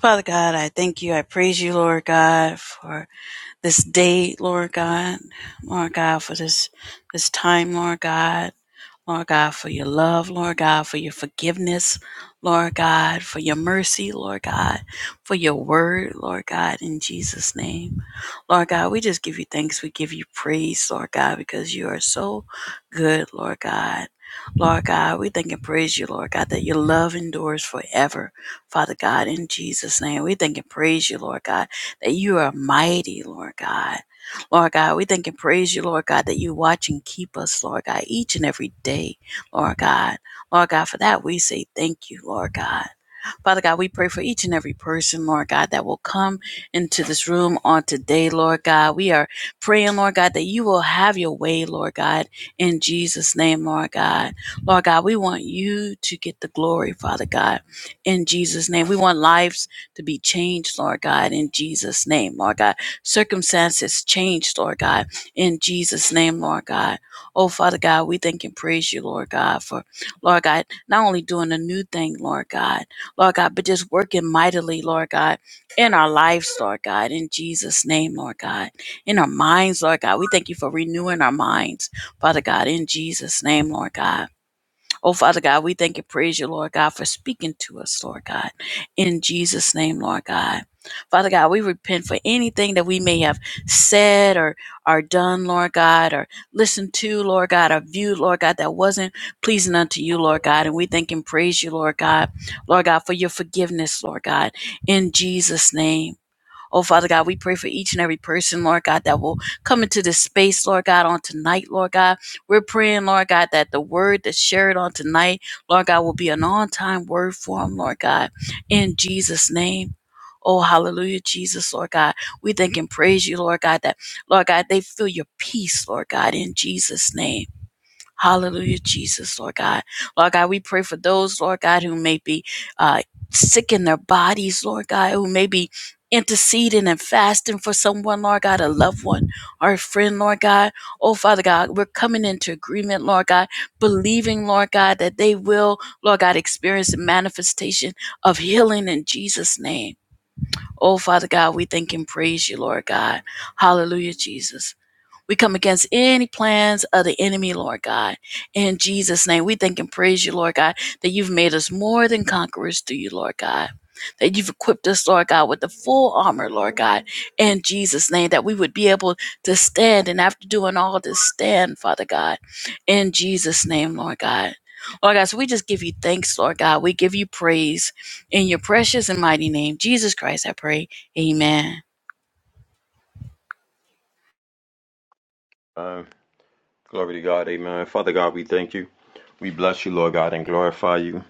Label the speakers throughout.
Speaker 1: Father God, I thank you. I praise you, Lord God, for this day, Lord God. Lord God, for this this time, Lord God. Lord God, for your love, Lord God, for your forgiveness, Lord God, for your mercy, Lord God, for your word, Lord God, in Jesus' name. Lord God, we just give you thanks. We give you praise, Lord God, because you are so good, Lord God. Lord God, we thank and praise you, Lord God, that your love endures forever, Father God, in Jesus' name. We thank and praise you, Lord God, that you are mighty, Lord God. Lord God, we thank and praise you, Lord God, that you watch and keep us, Lord God, each and every day, Lord God. Lord God, for that we say thank you, Lord God. Father God, we pray for each and every person, Lord God, that will come into this room on today, Lord God. We are praying, Lord God, that you will have your way, Lord God, in Jesus' name, Lord God. Lord God, we want you to get the glory, Father God, in Jesus' name. We want lives to be changed, Lord God, in Jesus' name, Lord God. Circumstances changed, Lord God, in Jesus' name, Lord God. Oh, Father God, we thank and praise you, Lord God, for, Lord God, not only doing a new thing, Lord God, Lord God, but just working mightily, Lord God, in our lives, Lord God, in Jesus' name, Lord God, in our minds, Lord God. We thank you for renewing our minds, Father God, in Jesus' name, Lord God. Oh, Father God, we thank and praise you, Lord God, for speaking to us, Lord God, in Jesus' name, Lord God. Father God, we repent for anything that we may have said or, or done, Lord God, or listened to, Lord God, or viewed, Lord God, that wasn't pleasing unto you, Lord God. And we thank and praise you, Lord God, Lord God, for your forgiveness, Lord God, in Jesus' name. Oh, Father God, we pray for each and every person, Lord God, that will come into this space, Lord God, on tonight, Lord God. We're praying, Lord God, that the word that's shared on tonight, Lord God, will be an on time word for them, Lord God, in Jesus' name. Oh, hallelujah, Jesus, Lord God. We thank and praise you, Lord God, that, Lord God, they feel your peace, Lord God, in Jesus' name. Hallelujah, Jesus, Lord God. Lord God, we pray for those, Lord God, who may be uh, sick in their bodies, Lord God, who may be interceding and fasting for someone, Lord God, a loved one or a friend, Lord God. Oh, Father God, we're coming into agreement, Lord God, believing, Lord God, that they will, Lord God, experience the manifestation of healing in Jesus' name. Oh, Father God, we thank and praise you, Lord God. Hallelujah, Jesus. We come against any plans of the enemy, Lord God. In Jesus' name, we thank and praise you, Lord God, that you've made us more than conquerors through you, Lord God. That you've equipped us, Lord God, with the full armor, Lord God, in Jesus' name, that we would be able to stand and after doing all this, stand, Father God, in Jesus' name, Lord God. Lord God, so we just give you thanks, Lord God. We give you praise in your precious and mighty name, Jesus Christ, I pray. Amen.
Speaker 2: Glory to God, amen. Father God, we thank you. We bless you, Lord God, and glorify you.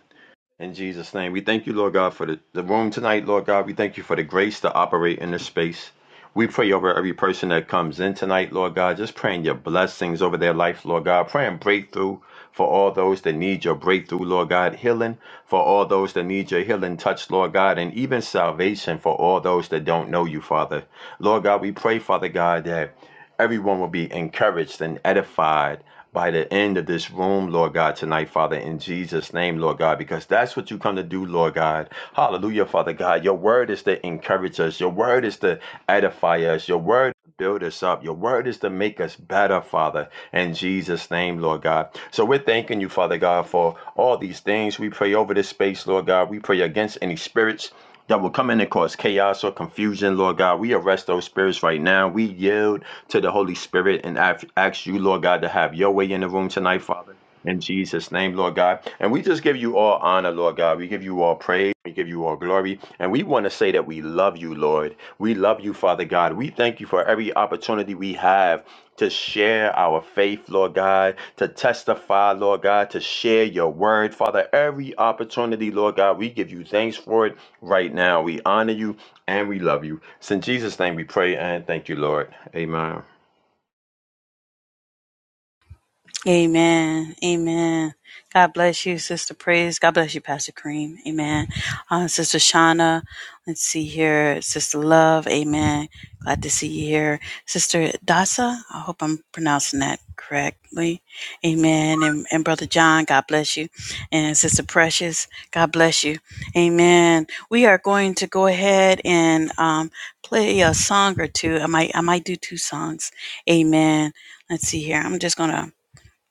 Speaker 2: In Jesus' name, we thank you, Lord God, for the, the room tonight, Lord God. We thank you for the grace to operate in this space. We pray over every person that comes in tonight, Lord God, just praying your blessings over their life, Lord God. Praying breakthrough for all those that need your breakthrough, Lord God. Healing for all those that need your healing touch, Lord God. And even salvation for all those that don't know you, Father. Lord God, we pray, Father God, that everyone will be encouraged and edified by the end of this room, Lord God, tonight, Father, in Jesus' name, Lord God, because that's what you come to do, Lord God. Hallelujah, Father God. Your word is to encourage us, your word is to edify us, your word to build us up, your word is to make us better, Father, in Jesus' name, Lord God. So we're thanking you, Father God, for all these things. We pray over this space, Lord God. We pray against any spirits. That will come in and cause chaos or confusion, Lord God. We arrest those spirits right now. We yield to the Holy Spirit and ask you, Lord God, to have your way in the room tonight, Father. In Jesus' name, Lord God. And we just give you all honor, Lord God. We give you all praise. We give you all glory. And we want to say that we love you, Lord. We love you, Father God. We thank you for every opportunity we have to share our faith, Lord God, to testify, Lord God, to share your word. Father, every opportunity, Lord God, we give you thanks for it right now. We honor you and we love you. It's in Jesus' name we pray and thank you, Lord. Amen.
Speaker 1: Amen. Amen. God bless you, Sister Praise. God bless you, Pastor Kareem. Amen. Uh, Sister Shauna, let's see here. Sister Love, amen. Glad to see you here. Sister Dasa, I hope I'm pronouncing that correctly. Amen. And, and Brother John, God bless you. And Sister Precious, God bless you. Amen. We are going to go ahead and um, play a song or two. I might, I might do two songs. Amen. Let's see here. I'm just going to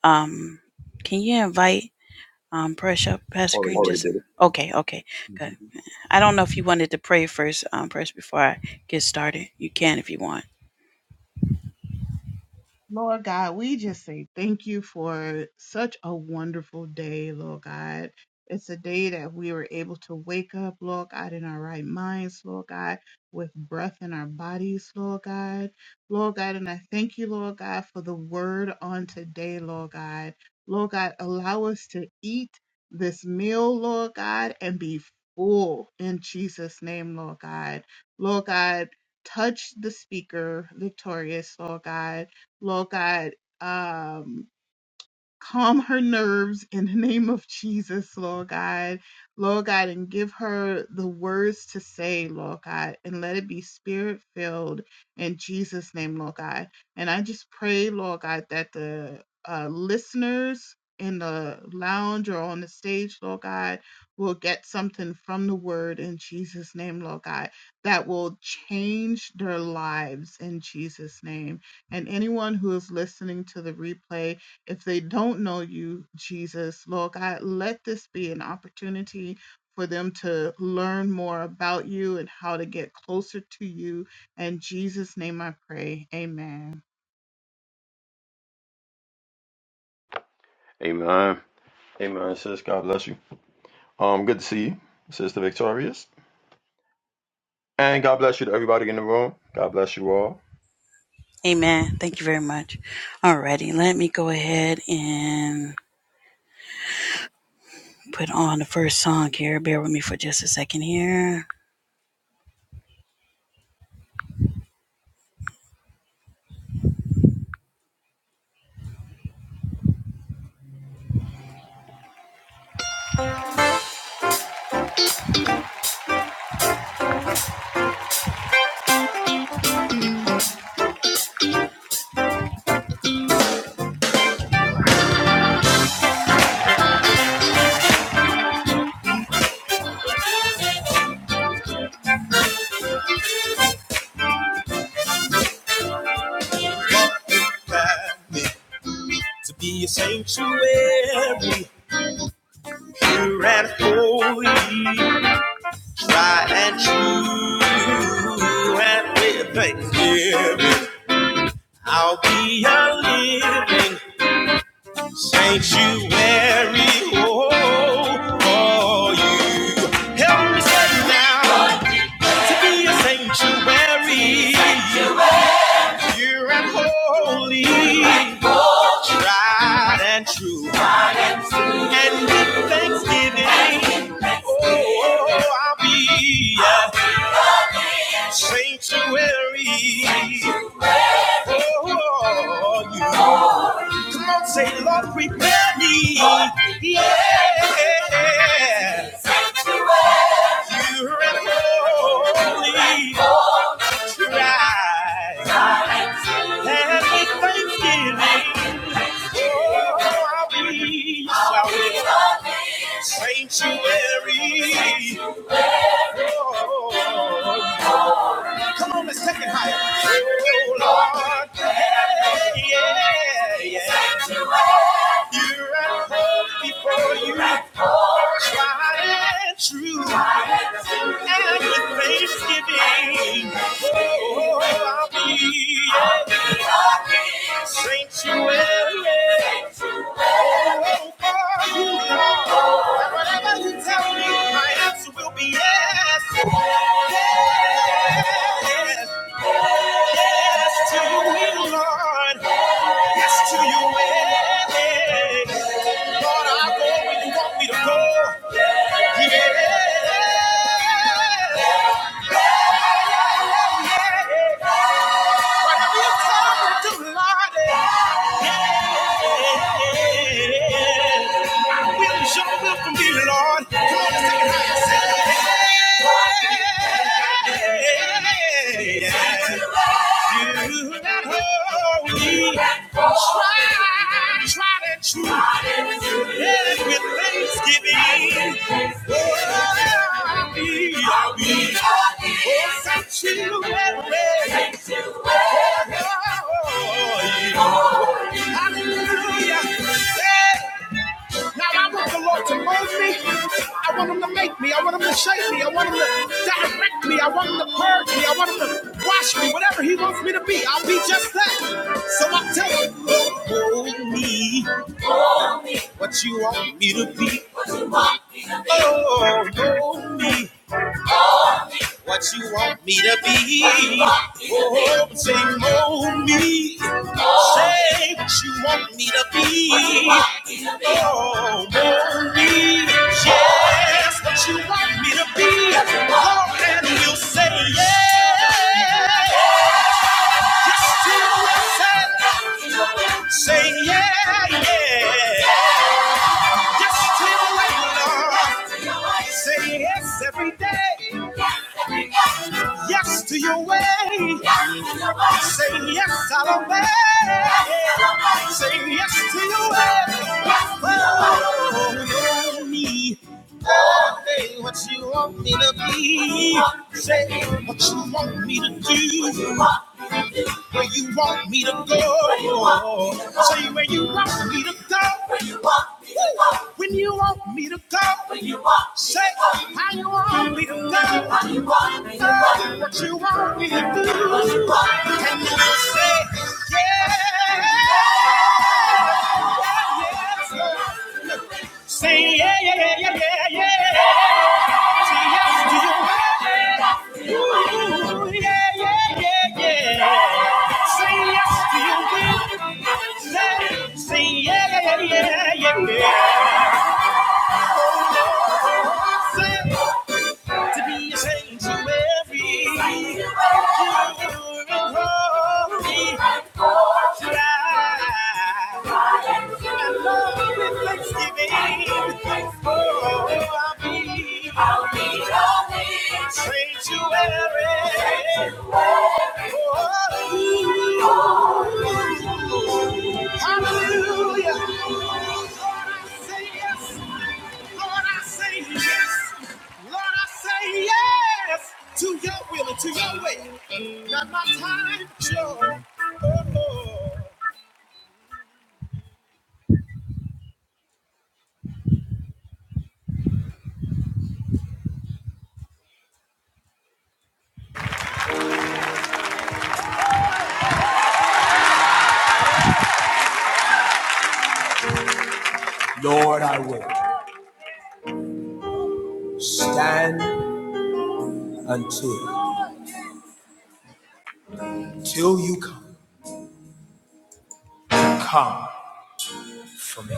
Speaker 1: um, can you invite um, Press up, Pastor
Speaker 2: Already
Speaker 1: Green? Already
Speaker 2: did it.
Speaker 1: Just did it. okay, okay,
Speaker 2: hmm
Speaker 1: good. I don't know if you wanted to pray first, um, Press, before I get started. You can if you want.
Speaker 3: Lord God, we just say thank you for such a wonderful day, Lord God. It's a day that we were able to wake up, Lord God, in our right minds, Lord God, with breath in our bodies, Lord God. Lord God, and I thank you, Lord God, for the word on today, Lord God. Lord God, allow us to eat this meal, Lord God, and be full in Jesus' name, Lord God. Lord God, touch the speaker, victorious, Lord God Lord God, um, calm her nerves in the name of Jesus, Lord God. Lord God, and give her the words to say, Lord God, and let it be spirit filled in Jesus' name, Lord God. And I just pray, Lord God, that the uh, listeners in the lounge or on the stage, Lord God, will get something from the word in Jesus' name, Lord God, that will change their lives in Jesus' name. And anyone who is listening to the replay, if they don't know you, Jesus, Lord God, let this be an opportunity for them to learn more about you and how to get closer to you. In Jesus' name I pray. Amen.
Speaker 2: Amen. Amen, sis. God bless you. Um, good to see you, Sister Victorious. And God bless you to everybody in the room. God bless you all.
Speaker 1: Amen. Thank you very much. Alrighty, let me go ahead and put on the first song here. Bear with me for just a second here. To be a sanctuary, pure and holy, try and true, and with thanksgiving. I'll be a living sanctuary oh, for you. Help me say now Lord, to be a sanctuary, sanctuary, pure and holy, pure and holy, tried and true. And with thanksgiving, and with thanksgiving, oh, I'll be a sanctuary. Oh, you. Come on, say, Lord, prepare me. Yeah. You're an holy try. And with thanksgiving, oh, I'll be, I'll be shall sanctuary. Oh, Come on, let's take it higher. Oh, Lord. Yeah, yeah, yeah. Here I was before you, tried and true, and with thanksgiving, oh, I'll be your sanctuary. Oh, for you Lord. whatever you tell me, my answer will be yes, yes, yes to you, Lord, yes to your way. Lord, I go where you want me to go. Yeah. When You come tired to lie there. My will is your will for me, Lord. Come on, let's take it higher. Say, yeah, yeah. yeah, yeah. You that hold me, tried, tried and true. Let it with thanksgiving. Oh, I be, I Won't be. Oh, sanctuary. Oh, yeah. Hallelujah. Hey. Now I want the Lord to mold me. I want him to make me. I want him to shape me. I want him to direct me. I want him to purge me. I want him to wash me. Whatever he wants me to be, I'll be just that. So I tell him, mold me. What you want me to be. What you want me. to be. Oh, mold me. What you want me to be? Oh, say more me. Say what you want me to be. Oh, more me. Yes, what you want me to be. Oh, and you'll say yeah. Yes, to yourself. Say yeah, yeah. Yes to your way, Lord. Yes Say yes every day. Yes Yes to your way. Yes Say yes, I'll obey. Yes, Say yes to your way. Oh, you your Oh, know me. Oh, hey, what you want me to be? Say what you want me to do where you want me to go. Say where you want me to go. When you want me to go. When you want me to go. Say how you want me to go. Oh, What you want me to do. And you will say, yeah. yeah, yeah, yeah. Say yeah, yeah, yeah, yeah, yeah, yeah. Say yes to your will. Ooh, yeah, yeah, yeah, yeah. yeah. Say yes to your will. Say, yeah, yeah, yeah, yeah, yeah, yeah. say yeah, yeah, yeah, yeah, yeah. yeah. Say. yeah, yeah, yeah, yeah, yeah, yeah to be a sanctuary. You're a holy God. And love you with thanksgiving. Oh, I'll be a sanctuary. Oh, hallelujah. Lord, I say yes. Lord, I say yes. Lord, I say yes to your will and to your way. Not my time, Joe. Oh, Lord. Lord, I will stand until till you come. Come for me.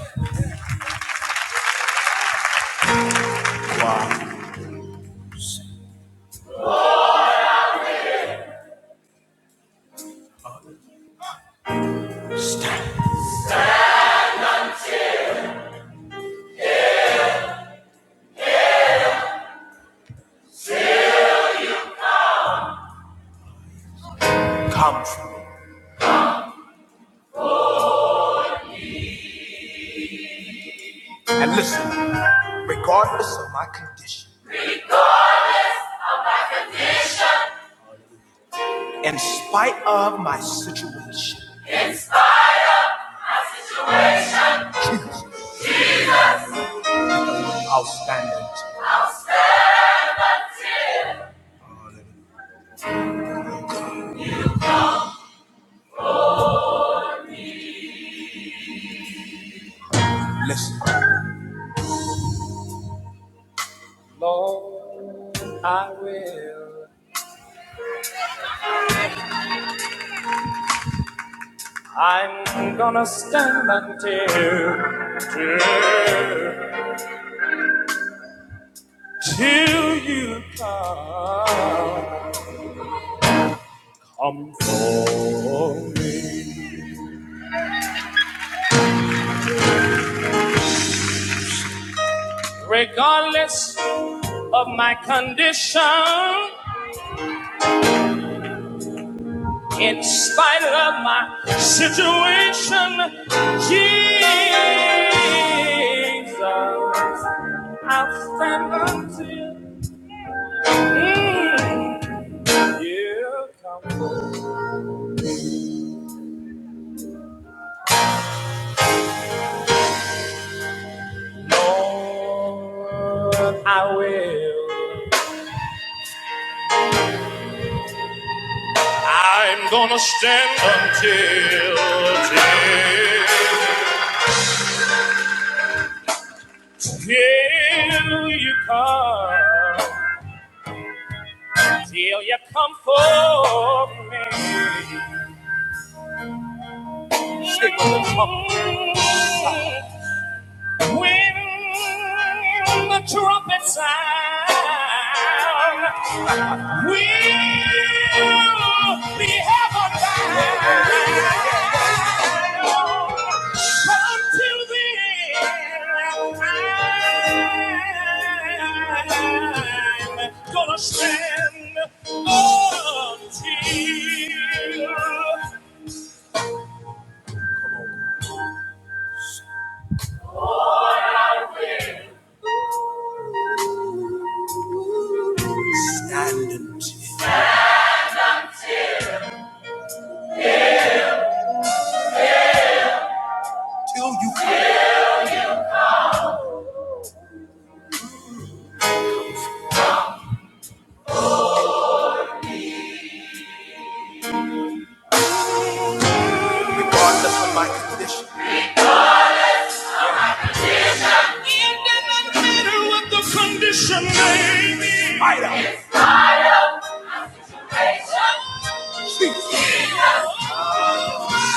Speaker 1: Wow. Stand. Come for me. Listen, because in spite of my situation, I'll stand until. Listen. Jesus, I'll stand until you come. Lord, I will stand until till you come, till you come for me. Stick with the trumpet. When the trumpet sound, we'll be heaven bound. until then, I'm gonna stand until. Stand until you regardless of my condition. It doesn't matter what the condition may be.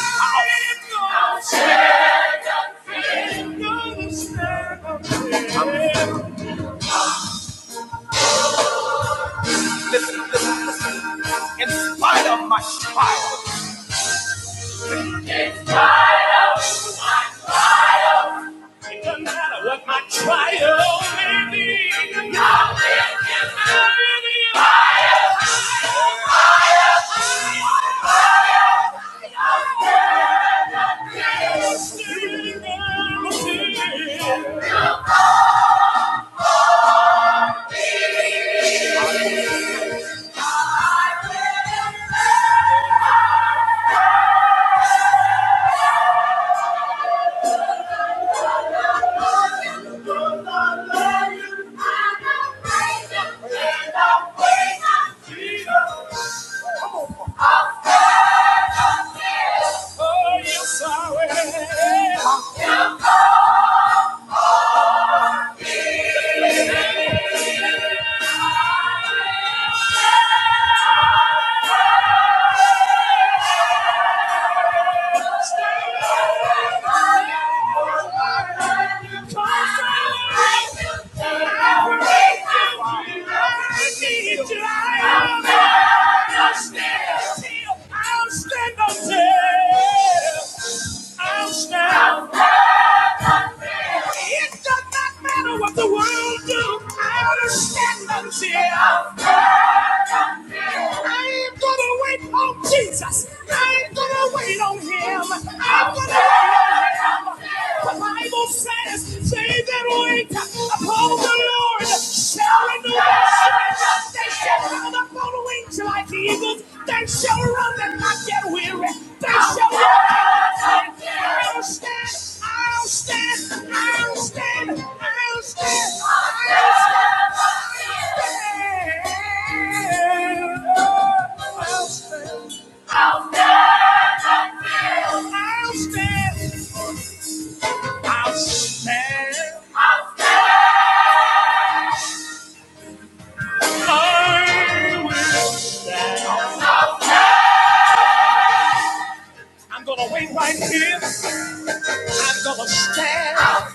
Speaker 1: All is good. Understand. In spite of my trial, it doesn't matter what my trial may be. i will give me the Thank you. I I'm gonna wait on Jesus. I am gonna wait on him. I'm gonna wait on him. The Bible says, they that wait upon the Lord shall renew their strength. They shall mount up on wings like eagles. They shall run and not get weary. They shall walk and not get tired. I'll stand, I'll stand, I'll stand, I'll stand, I'll stand. I'll stand. I'll stand. I'll stand. I will stand. I'm gonna wait right here. I'm gonna stand. I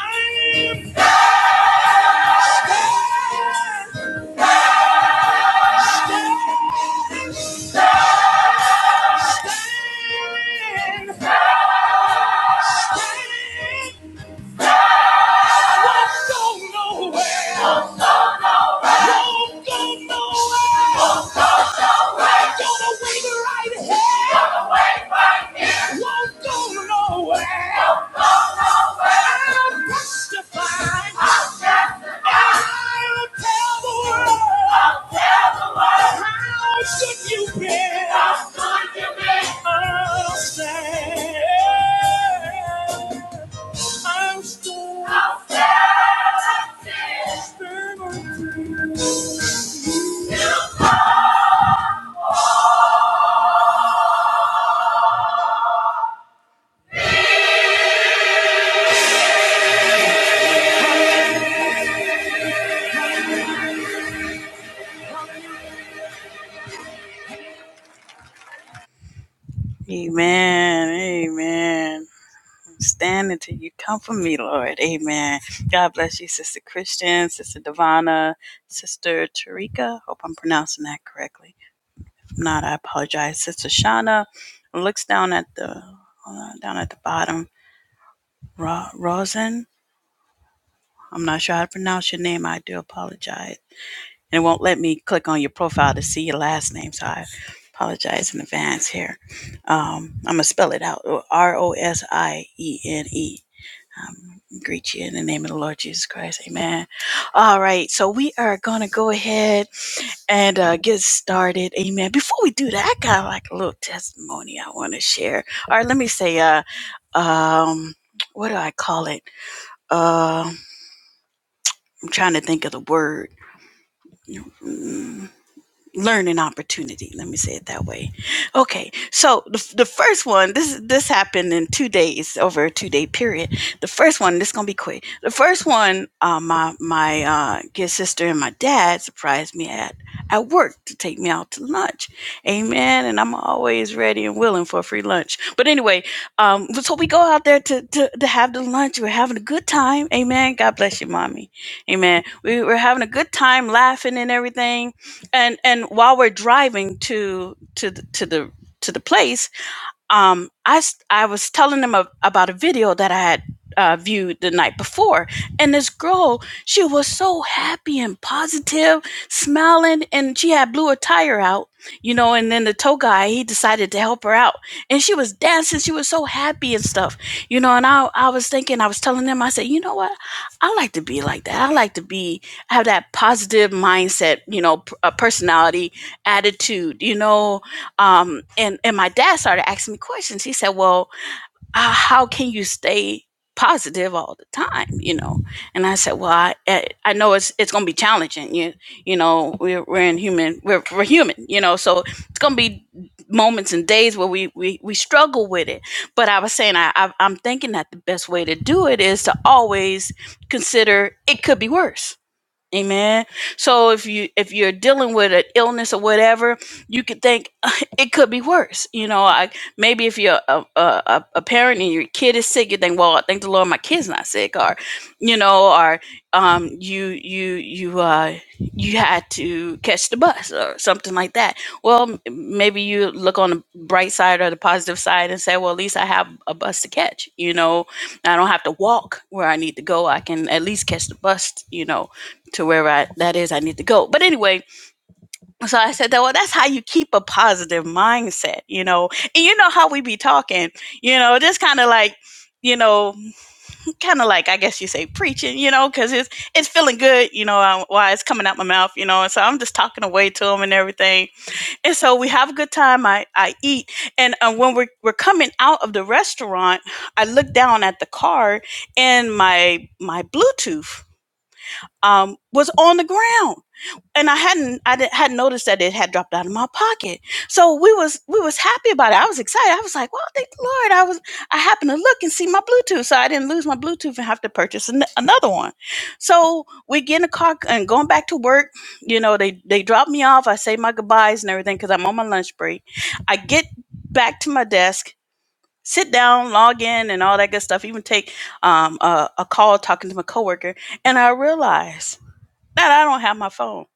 Speaker 1: am standing. Standing. Standing. Won't go nowhere. Won't go nowhere. will Wait right here. Gonna wait here. Won't go nowhere. Won't go nowhere. I'll testify. I'll Amen. Amen. I'm standing till you come for me, Lord. Amen. God bless you, Sister Christian, Sister Divana, Sister Tarika. Hope I'm pronouncing that correctly. not. I apologize. Sister Shauna looks down at the uh, down at the bottom. Ro- Rosin. I'm not sure how to pronounce your name. I do apologize. And it won't let me click on your profile to see your last name, so I apologize in advance here. Um, I'm gonna spell it out. R O S I E N E. Um, Greet you in the name of the Lord Jesus Christ. Amen. All right, so we are gonna go ahead and uh, get started. Amen. Before we do that, I got like a little testimony I want to share. All right, let me say, uh, um, what do I call it? Uh, I'm trying to think of the word. Mm, learning opportunity. Let me say it that way. Okay, so the, the first one, this this happened in two days over a two day period. The first one, this is gonna be quick. The first one, uh, my my uh, good sister and my dad surprised me at at work to take me out to lunch. Amen. And I'm always ready and willing for a free lunch. But anyway, um, so we go out there to to, to have the lunch. We're having a good time. Amen. God bless you, mommy. Amen. We were having a good time laughing and everything and and while we're driving to to the, to the to the place um, I I was telling them a, about a video that I had uh, viewed the night before. And this girl, she was so happy and positive, smiling, and she had blew a tire out, you know. And then the tow guy, he decided to help her out. And she was dancing. She was so happy and stuff, you know. And I, I was thinking, I was telling them, I said, you know what? I like to be like that. I like to be, have that positive mindset, you know, p- a personality, attitude, you know um and and my dad started asking me questions he said well uh, how can you stay positive all the time you know and i said well i i I know it's it's gonna be challenging you you know we're, we're in human we're, we're human you know so it's gonna be moments and days where we we, we struggle with it but i was saying I, I i'm thinking that the best way to do it is to always consider it could be worse Amen. So if you if you're dealing with an illness or whatever, you could think it could be worse. You know, I, maybe if you're a, a a a parent and your kid is sick, you think, well, I thank the Lord, my kid's not sick, or you know, or um, you you you uh you had to catch the bus or something like that. Well, m- maybe you look on the bright side or the positive side and say, well, at least I have a bus to catch. You know, I don't have to walk where I need to go. I can at least catch the bus. You know to wherever I, that is I need to go. But anyway, so I said that well that's how you keep a positive mindset, you know. And you know how we be talking, you know, just kind of like you know, kind of like I guess you say preaching, you know, because it's it's feeling good, you know, uh, while it's coming out my mouth, you know, and so I'm just talking away to them and everything, and so we have a good time. I I eat, and uh, when we're we're coming out of the restaurant, I look down at the car and my my Bluetooth um, was on the ground and I hadn't I didn't, hadn't noticed that it had dropped out of my pocket. So we was we was happy about it. I was excited. I was like, "Well, thank the Lord!" I was I happened to look and see my Bluetooth, so I didn't lose my Bluetooth and have to purchase an- another one. So we get in the car and going back to work. You know, they they drop me off. I say my goodbyes and everything because I'm on my lunch break. I get back to my desk. Sit down, log in, and all that good stuff. Even take um, a, a call talking to my coworker, and I realize that I don't have my phone.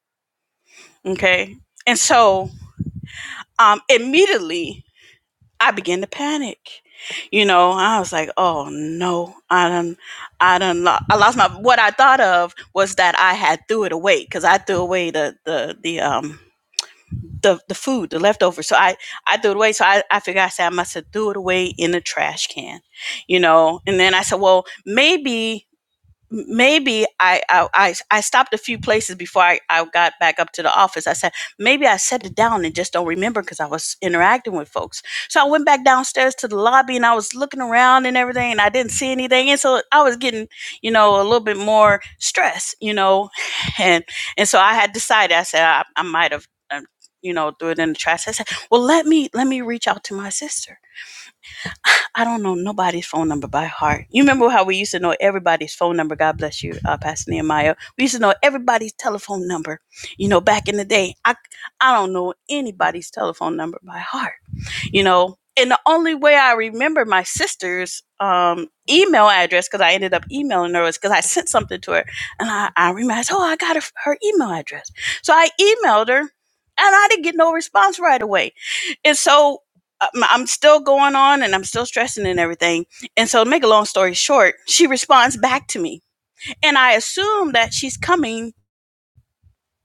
Speaker 1: Okay. And so um, immediately I began to panic. You know, I was like, oh no, I done, I done, lo- I lost my, what I thought of was that I had threw it away because I threw away the, the, the, um, the, the food, the leftovers. So I, I threw it away. So I, I figured I said, I must have threw it away in the trash can, you know? And then I said, well, maybe maybe I, I I I stopped a few places before I, I got back up to the office. I said maybe I set it down and just don't remember because I was interacting with folks. So I went back downstairs to the lobby and I was looking around and everything, and I didn't see anything. And so I was getting you know a little bit more stress, you know, and and so I had decided. I said I, I might have um, you know threw it in the trash. I said, well let me let me reach out to my sister I don't know nobody's phone number by heart. You remember how we used to know everybody's phone number? God bless you, uh, Pastor Nehemiah. We used to know everybody's telephone number. You know, back in the day, I I don't know anybody's telephone number by heart you know and the only way i remember my sister's um, email address because i ended up emailing her was because i sent something to her and i, I realized oh i got her, her email address so i emailed her and i didn't get no response right away and so um, i'm still going on and i'm still stressing and everything and so to make a long story short she responds back to me and i assume that she's coming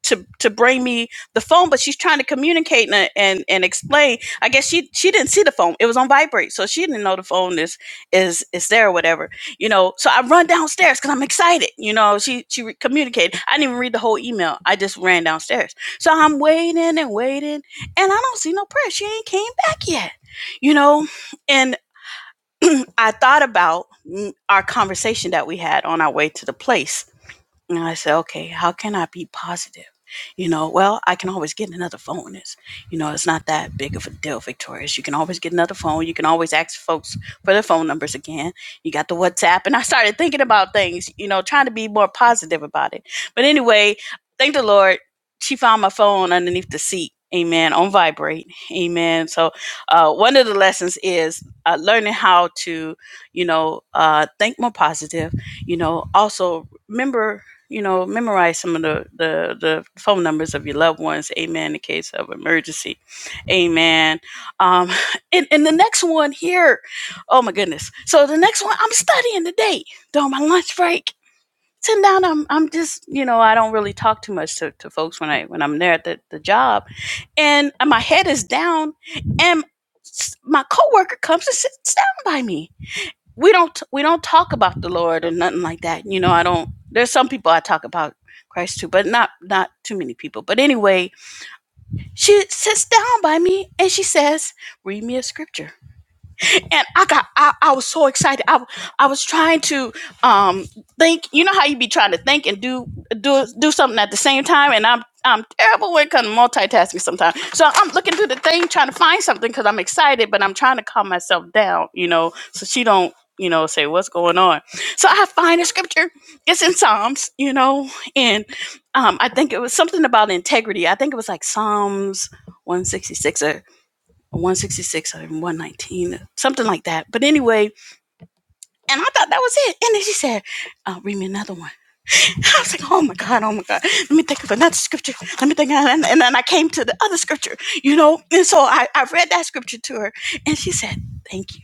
Speaker 1: to to bring me the phone, but she's trying to communicate and and, and explain. I guess she she didn't see the phone; it was on vibrate, so she didn't know the phone is is is there or whatever. You know, so I run downstairs because I'm excited. You know, she she re- communicated. I didn't even read the whole email; I just ran downstairs. So I'm waiting and waiting, and I don't see no prayer. She ain't came back yet. You know, and I thought about mm, our conversation that we had on our way to the place and I said, okay, how can I be positive? You know, well, I can always get another phone. It's, you know, it's not that big of a deal, Victorious. You can always get another phone. You can always ask folks for their phone numbers again. You got the WhatsApp. And I started thinking about things, you know, trying to be more positive about it. But anyway, thank the Lord. She found my phone underneath the seat. Amen. On vibrate. Amen. So, uh, one of the lessons is uh, learning how to, you know, uh, think more positive. You know, also remember you know, memorize some of the, the, the phone numbers of your loved ones. Amen. In case of emergency. Amen. Um, and, and the next one here, oh my goodness. So the next one, I'm studying today during my lunch break. Sitting down, I'm, I'm just, you know, I don't really talk too much to, to folks when I when I'm there at the, the job, and my head is down, and my coworker comes and sits down by me, we don't we don't talk about the Lord or nothing like that. You know, I don't. There's some people I talk about Christ to, but not not too many people. But anyway, she sits down by me and she says, "Read me a scripture." and I got I, I was so excited. I I was trying to um think. You know how you be trying to think and do do do something at the same time, and I'm I'm terrible when it comes to multitasking sometimes. So I'm looking through the thing trying to find something because I'm excited, but I'm trying to calm myself down. You know, so she don't you know say what's going on. So I find a scripture. It's in Psalms. You know, and um I think it was something about integrity. I think it was like Psalms. 166 or. 166 or 119, something like that. But anyway, and I thought that was it. And then she said, uh, read me another one. I was like, oh my God, oh my God. Let me think of another scripture. Let me think. And, and then I came to the other scripture, you know. And so I, I read that scripture to her and she said, thank you.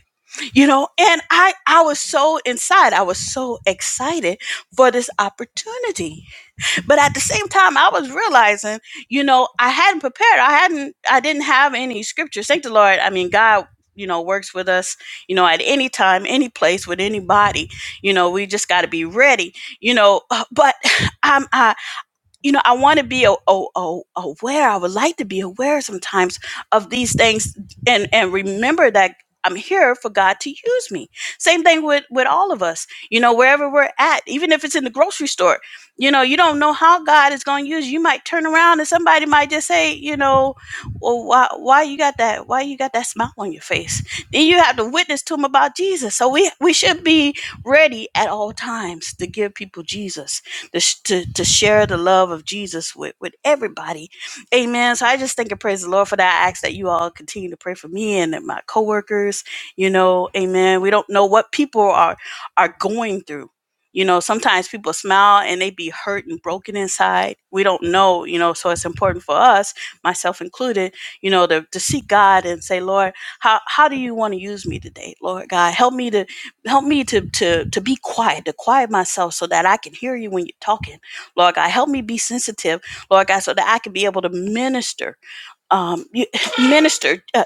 Speaker 1: You know, and I, I was so inside. I was so excited for this opportunity but at the same time i was realizing you know i hadn't prepared i hadn't i didn't have any scriptures thank the lord i mean god you know works with us you know at any time any place with anybody you know we just got to be ready you know uh, but I'm, i um, you know, I want to be a, a, a, aware. I would like to be aware sometimes of these things and, and remember that I'm here for God to use me. Same thing with, with all of us, you know, wherever we're at, even if it's in the grocery store, you know, you don't know how God is going to use you. You might turn around and somebody might just say, you know, well, why, why you got that? Why you got that smile on your face? Then you have to witness to them about Jesus. So we, we should be ready at all times to give people Jesus to, sh- to, to share the love of Jesus with, with everybody. Amen. So I just thank and praise the Lord for that. I ask that you all continue to pray for me and my coworkers. You know, amen. We don't know what people are are going through. You know, sometimes people smile and they be hurt and broken inside. We don't know, you know, so it's important for us, myself included, you know, to, to seek God and say, Lord, how, how do you want to use me today? Lord God, help me to help me to to to be quiet to quiet myself so that i can hear you when you're talking lord god help me be sensitive lord god so that i can be able to minister um you, minister uh,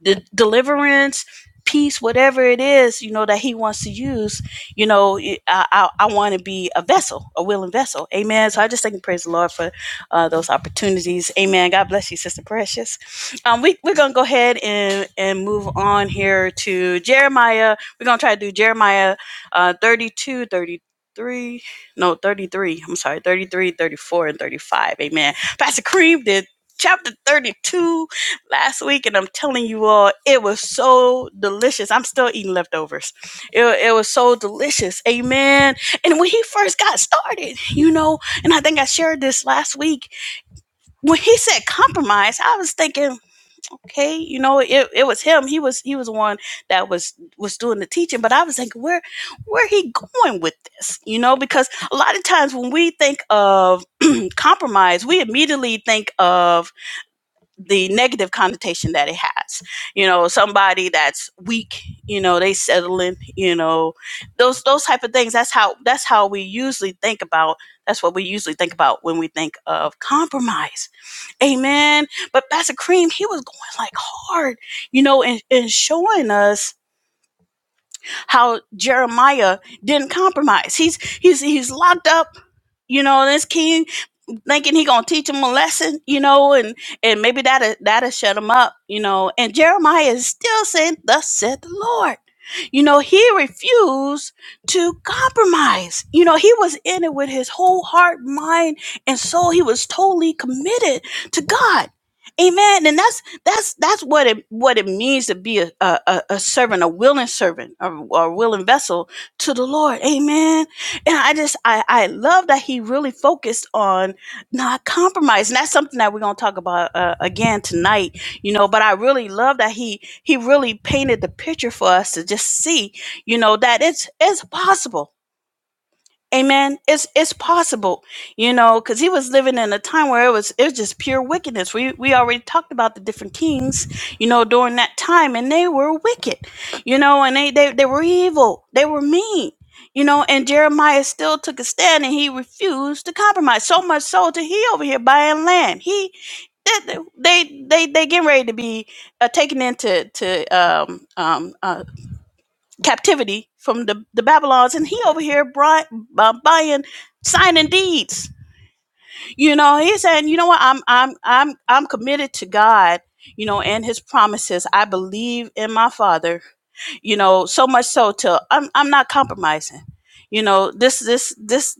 Speaker 1: the deliverance peace whatever it is you know that he wants to use you know i i, I want to be a vessel a willing vessel amen so i just thank and praise the lord for uh, those opportunities amen god bless you sister precious um we, we're gonna go ahead and and move on here to jeremiah we're gonna try to do jeremiah uh thirty two, thirty three, no 33 i'm sorry 33, 34, and 35 amen pastor cream did chapter 32 last week, and I'm telling you all, it was so delicious. I'm still eating leftovers. It, it was so delicious. Amen. And when he first got started, you know, and I think I shared this last week, when he said compromise, I was thinking, okay, you know, it, it was him. He was he was the one that was was doing the teaching, but I was thinking, where where he going with this? You know, because a lot of times when we think of compromise, we immediately think of the negative connotation that it has. You know, somebody that's weak, you know, they settling, you know, those those type of things. That's how that's how we usually think about that's what we usually think about when we think of compromise. Amen. But Pastor Cream, he was going like hard, you know, and, and showing us how Jeremiah didn't compromise. He's he's he's locked up you know, this king thinking he gonna teach him a lesson, you know, and and maybe that'll that'll shut him up, you know. And Jeremiah is still saying, "Thus said the Lord." You know, he refused to compromise. You know, he was in it with his whole heart, mind, and soul. He was totally committed to God. Amen. And that's that's that's what it what it means to be a a, a a servant, a willing servant, or a willing vessel to the Lord. Amen. And I just I I love that he really focused on not compromise and that's something that we're going to talk about uh, again tonight you know but i really love that he he really painted the picture for us to just see you know that it's it's possible Amen. It's it's possible, you know, because he was living in a time where it was it was just pure wickedness. We we already talked about the different kings, you know, during that time, and they were wicked, you know, and they they, they were evil, they were mean, you know, and Jeremiah still took a stand and he refused to compromise. So much so to he over here buying land. He they they they, they getting ready to be uh, taken into to um um uh, captivity from the, the Babylons, and he over here bri- uh, buying, signing deeds. You know, he's saying, you know what, I'm I'm I'm I'm committed to God, you know, and His promises. I believe in my Father, you know, so much so to I'm I'm not compromising. You know, this this this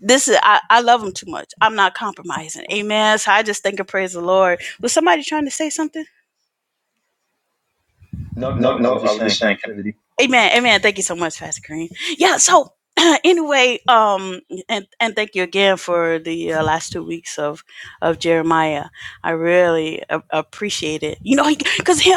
Speaker 1: this is I, I love him too much. I'm not compromising. Amen. So I just think and praise the Lord. Was somebody trying to say something?
Speaker 2: No, no, I was just saying captivity.
Speaker 1: Amen. Amen. Thank you so much, Pastor Green. Yeah. So anyway, um, and and thank you again for the uh, last two weeks of of Jeremiah. I really a- appreciate it. You know, because him,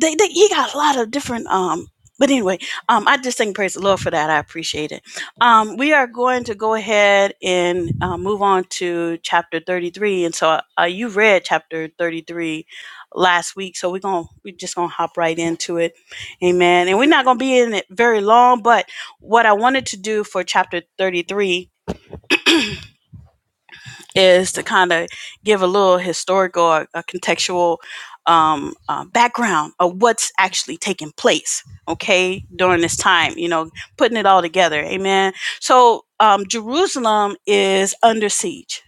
Speaker 1: they, they he got a lot of different um. But anyway, um, I just think praise the Lord for that. I appreciate it. Um, we are going to go ahead and uh, move on to chapter thirty-three, and so uh, you read chapter thirty-three last week, so we're gonna we're just gonna hop right into it Amen. And we're not going to be in it very long, but what I wanted to do for chapter 33 is to kind of give a little historical or a contextual um, uh, background of what's actually taking place, okay, during this time, you know, putting it all together. Amen. So um, Jerusalem is under siege,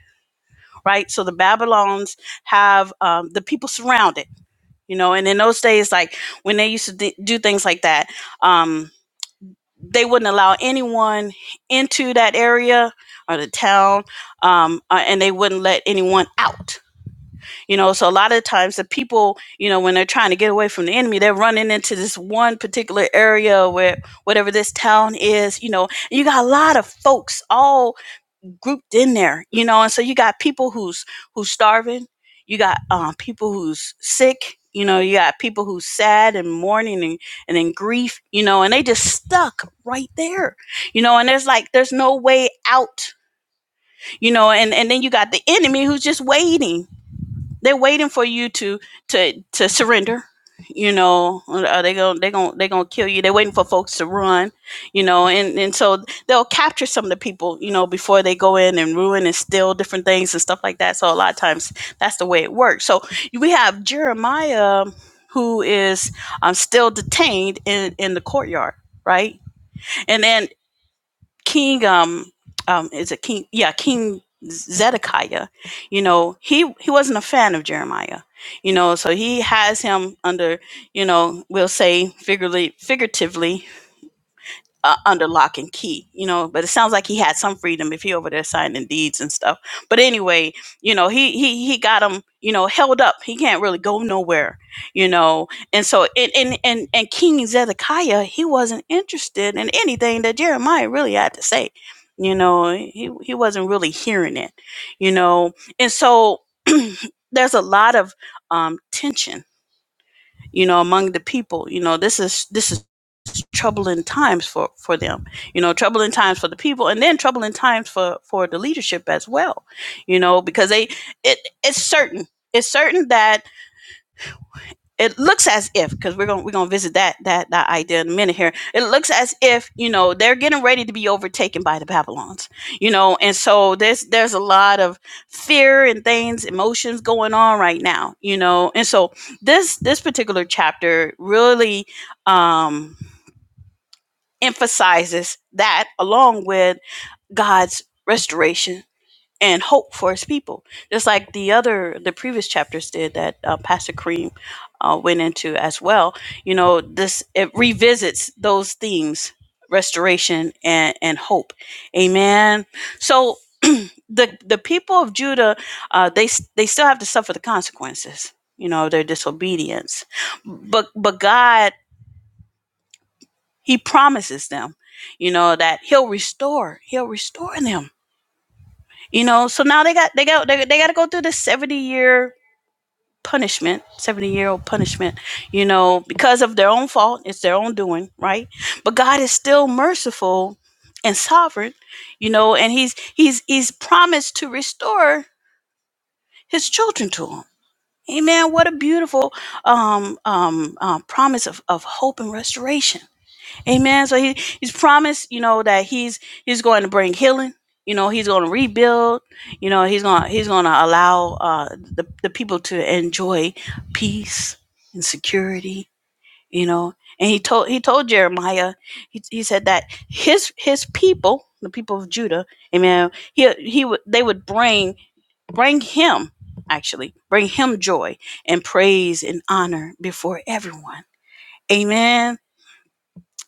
Speaker 1: right? So the Babylons have um, the people surrounded, you know, and in those days, like when they used to d- do things like that. Um, they wouldn't allow anyone into that area or the town um, uh, and they wouldn't let anyone out you know so a lot of times the people you know when they're trying to get away from the enemy they're running into this one particular area where whatever this town is you know you got a lot of folks all grouped in there, you know. And so you got people who's who's starving, you got uh, people who's sick, you know, you got people who's sad and mourning and, and in grief, you know, and they just stuck right there, you know. And there's like there's no way out, you know. And and then you got the enemy who's just waiting they're waiting for you to to to surrender. You know, are they going to they going to they going to kill you. They're waiting for folks to run, you know, and and so they'll capture some of the people, you know, before they go in and ruin and steal different things and stuff like that. So a lot of times that's the way it works. So we have Jeremiah who is um, still detained in in the courtyard, right? And then King um um is it King yeah King Zedekiah, you know he he wasn't a fan of Jeremiah, you know so he has him under you know we'll say figuratively figuratively uh, under lock and key, you know. But it sounds like he had some freedom if he over there signing deeds and stuff. But anyway, you know, he he he got him, you know, held up. He can't really go nowhere, you know. And so, and and and, and King Zedekiah, he wasn't interested in anything that Jeremiah really had to say, you know. He he wasn't really hearing it, you know. And so, there's a lot of um, tension you know among the people you know this is this is troubling times for for them you know troubling times for the people and then troubling times for for the leadership as well you know because they it it's certain it's certain that it looks as if because we're gonna we're gonna visit that that that idea in a minute here. It looks as if you know they're getting ready to be overtaken by the Babylons, you know, and so there's there's a lot of fear and things, emotions going on right now, you know, and so this this particular chapter really um, emphasizes that along with God's restoration and hope for his people. Just like the other, the previous chapters did that uh, Pastor Cream uh, went into as well. You know, this it revisits those themes: restoration and and hope. Amen. So the the people of Judah, uh, they s- they still have to suffer the consequences. You know, their disobedience, but but God, He promises them, you know, that He'll restore, He'll restore them You know, so now they got they got they, they got to go through this 70 year punishment, 70 year old punishment, you know, because of their own fault, it's their own doing, right? But God is still merciful and sovereign, you know, and he's he's he's promised to restore his children to him. Amen. What a beautiful um, um, uh, promise of, of hope and restoration Amen. So he, he's promised, you know, that he's he's going to bring healing. You know, he's going to rebuild. You know, he's going to he's going to allow uh, the the people to enjoy peace and security. You know, and he told he told Jeremiah, he, he said that his his people, the people of Judah, amen. He he would they would bring bring him actually bring him joy and praise and honor before everyone. Amen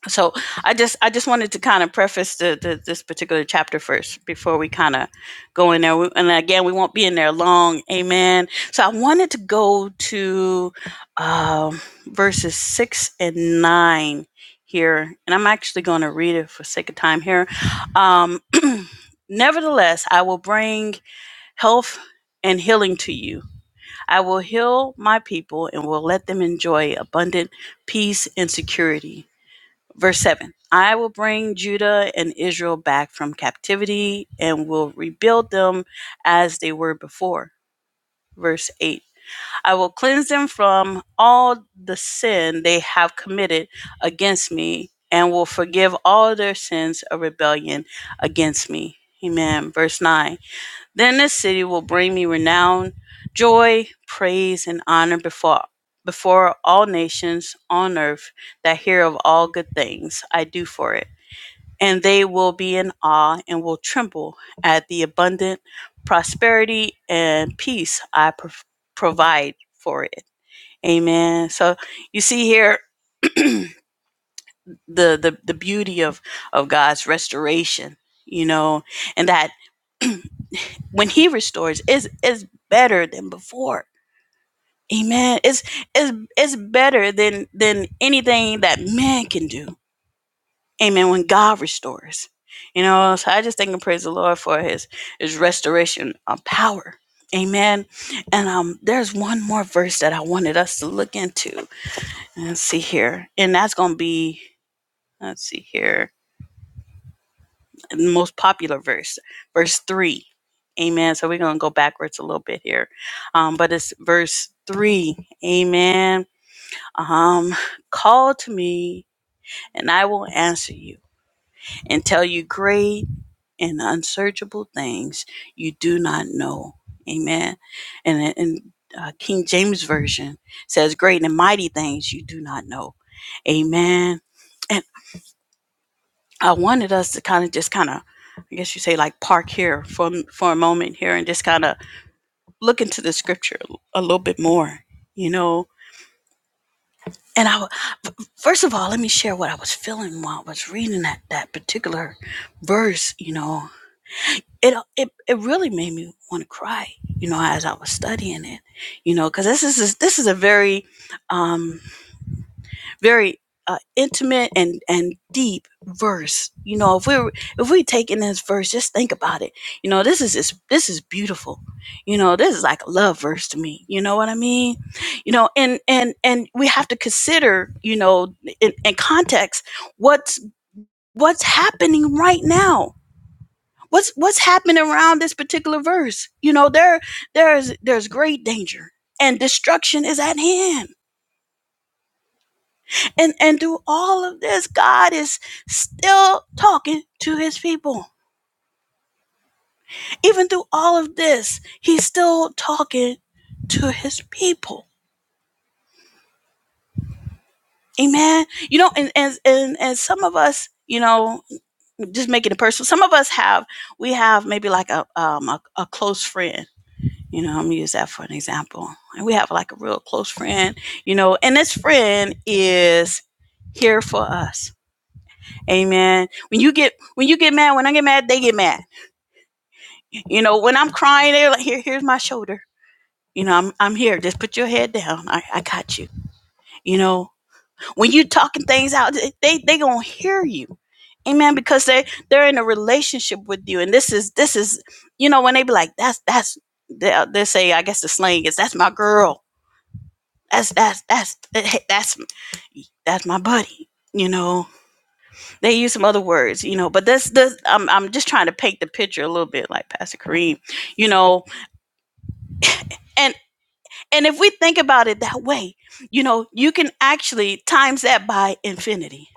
Speaker 1: so i just i just wanted to kind of preface the, the this particular chapter first before we kind of go in there We- and again we won't be in there long amen so i wanted to go to um, verses six and nine here and i'm actually going to read it for sake of time here um, nevertheless i will bring health and healing to you i will heal my people and will let them enjoy abundant peace and security Verse 7 I will bring Judah and Israel back from captivity and will rebuild them as they were before. Verse 8 I will cleanse them from all the sin they have committed against me and will forgive all their sins of rebellion against me. Amen. Verse 9 then this city will bring me renown, joy, praise, and honor before before all nations on earth that hear of all good things I do for it. And they will be in awe and will tremble at the abundant prosperity and peace I pro- provide for it. Amen. So you see here the, the, the beauty of, of God's restoration, you know, and that when he restores is is better than before Amen. It's it's it's better than than anything that man can do. Amen. When God restores. You know, so I just thank and praise the Lord for his his restoration of power. Amen. And um there's one more verse that I wanted us to look into. Let's see here. And that's gonna be let's see here. The most popular verse, verse three. Amen. So we're gonna go backwards a little bit here. Um, but it's verse three. Amen Um, call to me, and I will answer you and tell you great and unsearchable things you do not know. Amen. And and uh, King James version says, "Great and mighty things you do not know." Amen. And I wanted us to kind of just kind of, I guess you say, like park here for for a moment here and just kind of look into the scripture a little bit more. You know, And I, w- first of all, let me share what I was feeling while I was reading that that particular verse. You know, it it it really made me want to cry. You know, as I was studying it. You know, because this is this is a very, um very uh, intimate and and deep verse. You know, if we're if we take in this verse, just think about it. You know, this is this, this is beautiful. You know, this is like a love verse to me. You know what I mean? You know, and and and we have to consider, you know, in, in context, what's what's happening right now. What's what's happening around this particular verse? You know, there there's there's great danger and destruction is at hand and and through all of this god is still talking to his people even through all of this he's still talking to his people amen you know and and and, and some of us you know just making it personal some of us have we have maybe like a um a, a close friend you know i'm gonna use that for an example and we have like a real close friend you know and this friend is here for us amen when you get when you get mad when i get mad they get mad You know, when I'm crying, they're like, here, here's my shoulder. You know, I'm, I'm here. Just put your head down. I, I got you. You know, when you talking things out, they, they, they going to hear you. Amen. Because they, they're in a relationship with you. And this is, this is, you know, when they be like, that's, that's, they, uh, they say, I guess the slang is, that's my girl. That's, that's, that's, eh, hey, that's, that's my buddy. You know, they use some other words, you know, but this, this, I'm, I'm just trying to paint the picture a little bit like Pastor Kareem, you know, and And if we think about it that way, you know, you can actually times that by infinity.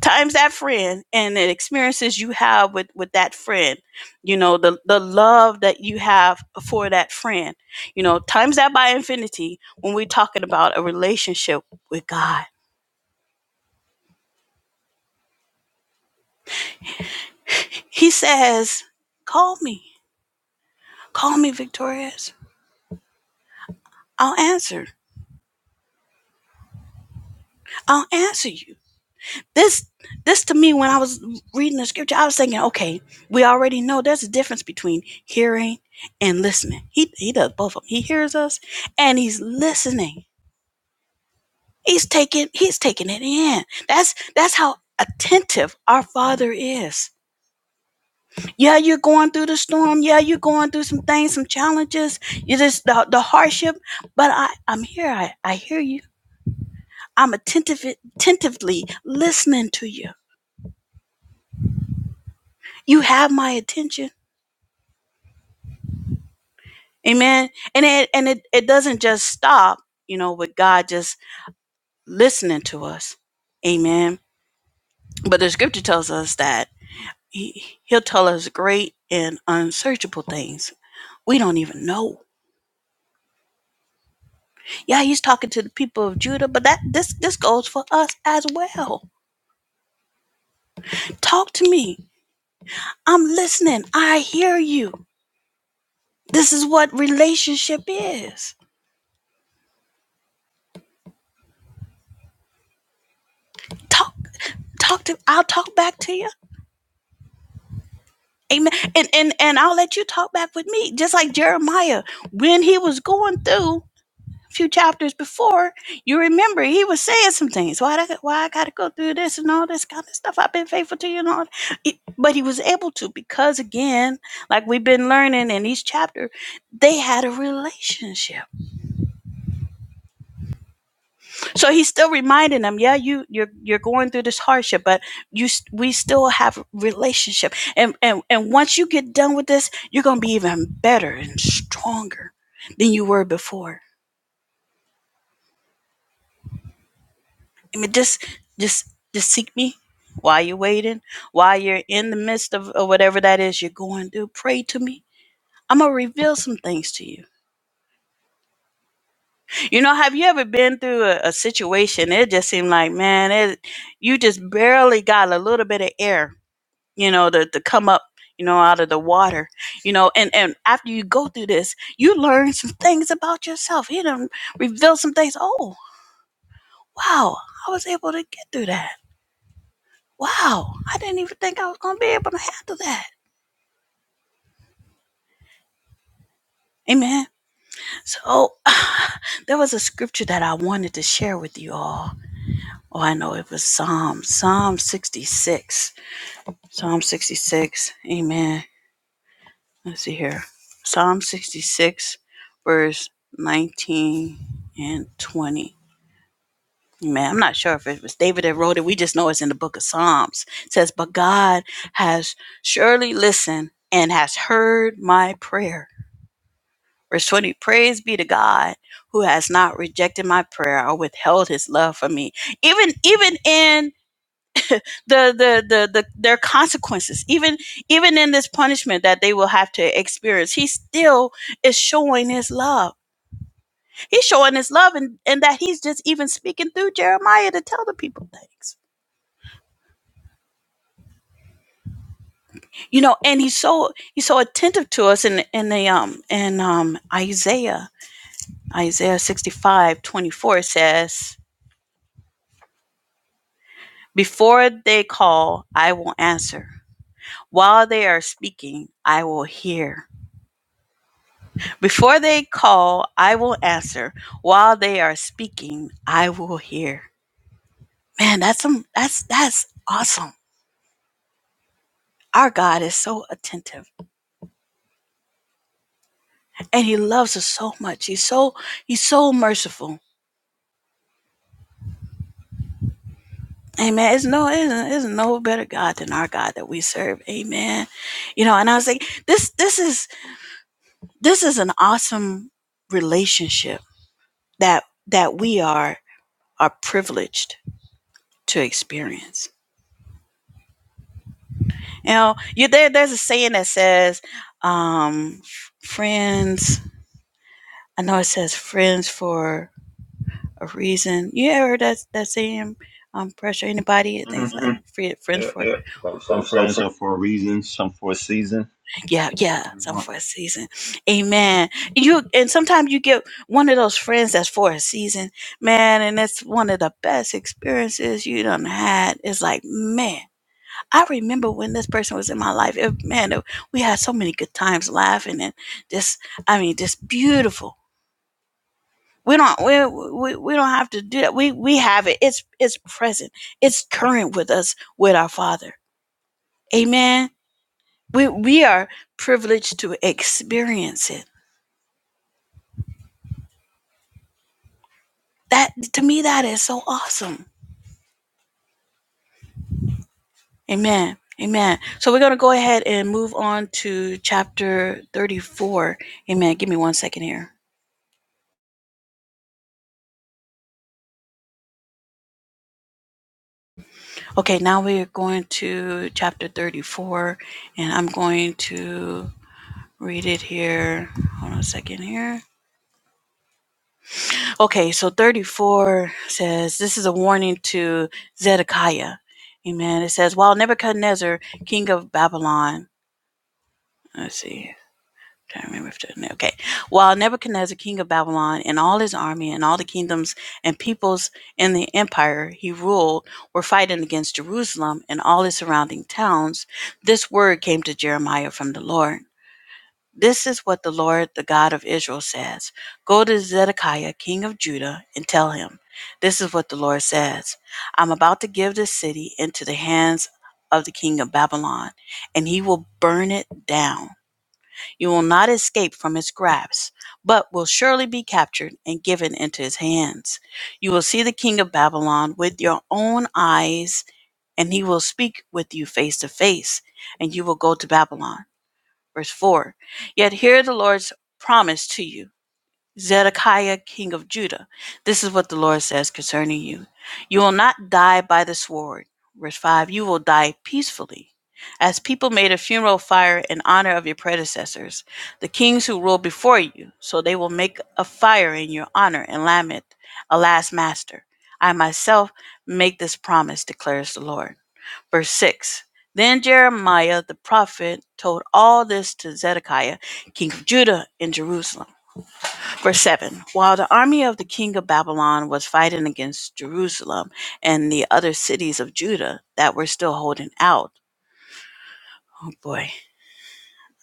Speaker 1: Times that friend and the experiences you have with, with that friend, you know, the, the love that you have for that friend, you know, times that by infinity when we're talking about a relationship with God. He says, Call me, call me victorious. I'll answer. I'll answer you. This this to me when I was reading the scripture, I was thinking, okay, we already know there's a difference between hearing and listening. He he does both of them. He hears us and he's listening. He's taking he's taking it in. That's that's how attentive our father is. Yeah, you're going through the storm. Yeah, you're going through some things, some challenges. You just the, the hardship. But I, I'm here. I, I hear you. I'm attentive attentively listening to you. You have my attention. Amen. And it and it, it doesn't just stop, you know, with God just listening to us. Amen. But the scripture tells us that he, he'll tell us great and unsearchable things. We don't even know. Yeah, he's talking to the people of Judah, but that this this goes for us as well. Talk to me. I'm listening. I hear you. This is what relationship is. Talk talk to I'll talk back to you Amen. And and and I'll let you talk back with me, just like Jeremiah when he was going through a few chapters before. You remember he was saying some things. Why I, why I got to go through this and all this kind of stuff? I've been faithful to you and all. It- but he was able to because again, like we've been learning in each chapter, they had a relationship. so he's still reminding them yeah you you're you're going through this hardship but you s- we still have relationship and and and once you get done with this you're going to be even better and stronger than you were before i mean just just just seek me while you're waiting while you're in the midst of, of whatever that is you're going through pray to me i'm going to reveal some things to you you know have you ever been through a, a situation it just seemed like man it you just barely got a little bit of air you know, to, to come up, you know, out of the water, you know, and, and after you go through this, you learn some things about yourself. You done reveal some things. Oh, wow, I was able to get through that. Wow, I didn't even think I was going to be able to handle that. Amen. So uh, there was a scripture that I wanted to share with you all. Oh, I know it was Psalm, Psalm 66. Psalm 66. Amen. let's see here psalm 66 verse 19 and 20 man i'm not sure if it was david that wrote it we just know it's in the book of psalms it says but god has surely listened and has heard my prayer verse 20 praise be to god who has not rejected my prayer or withheld his love from me even even in the the the, the their consequences even even in this punishment that they will have to experience he still is showing his love he's showing his love and and that he's just even speaking through jeremiah to tell the people things you know and he's so he's so attentive to us in in the um in um isaiah isaiah 65 24 says before they call i will answer while they are speaking i will hear Before they call, I will answer. While they are speaking, I will hear. Man, that's some that's that's awesome. Our God is so attentive and he loves us so much. He's so he's so merciful. Amen. It's no it's no better God than our God that we serve. Amen. You know, and I was like, this this is this is an awesome relationship that that we are are privileged to experience You know, you there. There's a saying that says, um, "Friends." I know it says "friends for a reason." You ever heard that that saying? Um, pressure anybody? It
Speaker 2: hmm
Speaker 1: thinks fri- friends
Speaker 2: Yeah.
Speaker 1: for
Speaker 2: But some friends are for a reason, some for a season.
Speaker 1: yeah, yeah, some for a season. Amen. You and sometimes you get one of those friends that's for a season, man, and that's one of the best experiences you done had. It's like man. I remember when this person was in my life. It, man, it- we had so many good times laughing and just, I mean, just beautiful. We don't, we, we, we don't have to do that. We, we have it. It's, it's present. It's current with us, with our Father. Amen. We, we are privileged to experience it. That, to me, that is so awesome. Amen. Amen. So we're going to go ahead and move on to chapter 34. Amen. Give me one second here. Okay, now we're going to chapter 34, and I'm going to read it here. Hold on a second here. Okay, so 34 says, This is a warning to Zedekiah. Amen. It says, While Nebuchadnezzar, king of Babylon, let's see. Trying to remember if there's no- okay. While Nebuchadnezzar, king of Babylon, and all his army and all the kingdoms and peoples in the empire he ruled were fighting against Jerusalem and all its surrounding towns, this word came to Jeremiah from the Lord. This is what the Lord, the God of Israel, says Go to Zedekiah, king of Judah, and tell him, This is what the Lord says I'm about to give this city into the hands of the king of Babylon, and he will burn it down you will not escape from his grasp, but will surely be captured and given into his hands. You will see the king of Babylon with your own eyes, and he will speak with you face to face, and you will go to Babylon. Verse 4 Yet hear the Lord's promise to you. Zedekiah, king of Judah. This is what the Lord says concerning you. You will not die by the sword. Verse 5 You will die peacefully. As people made a funeral fire in honor of your predecessors, the kings who ruled before you, so they will make a fire in your honor and lament, Alas, master, I myself make this promise, declares the Lord. Verse 6 Then Jeremiah the prophet told all this to Zedekiah, king of Judah, in Jerusalem. Verse 7 While the army of the king of Babylon was fighting against Jerusalem and the other cities of Judah that were still holding out, oh boy,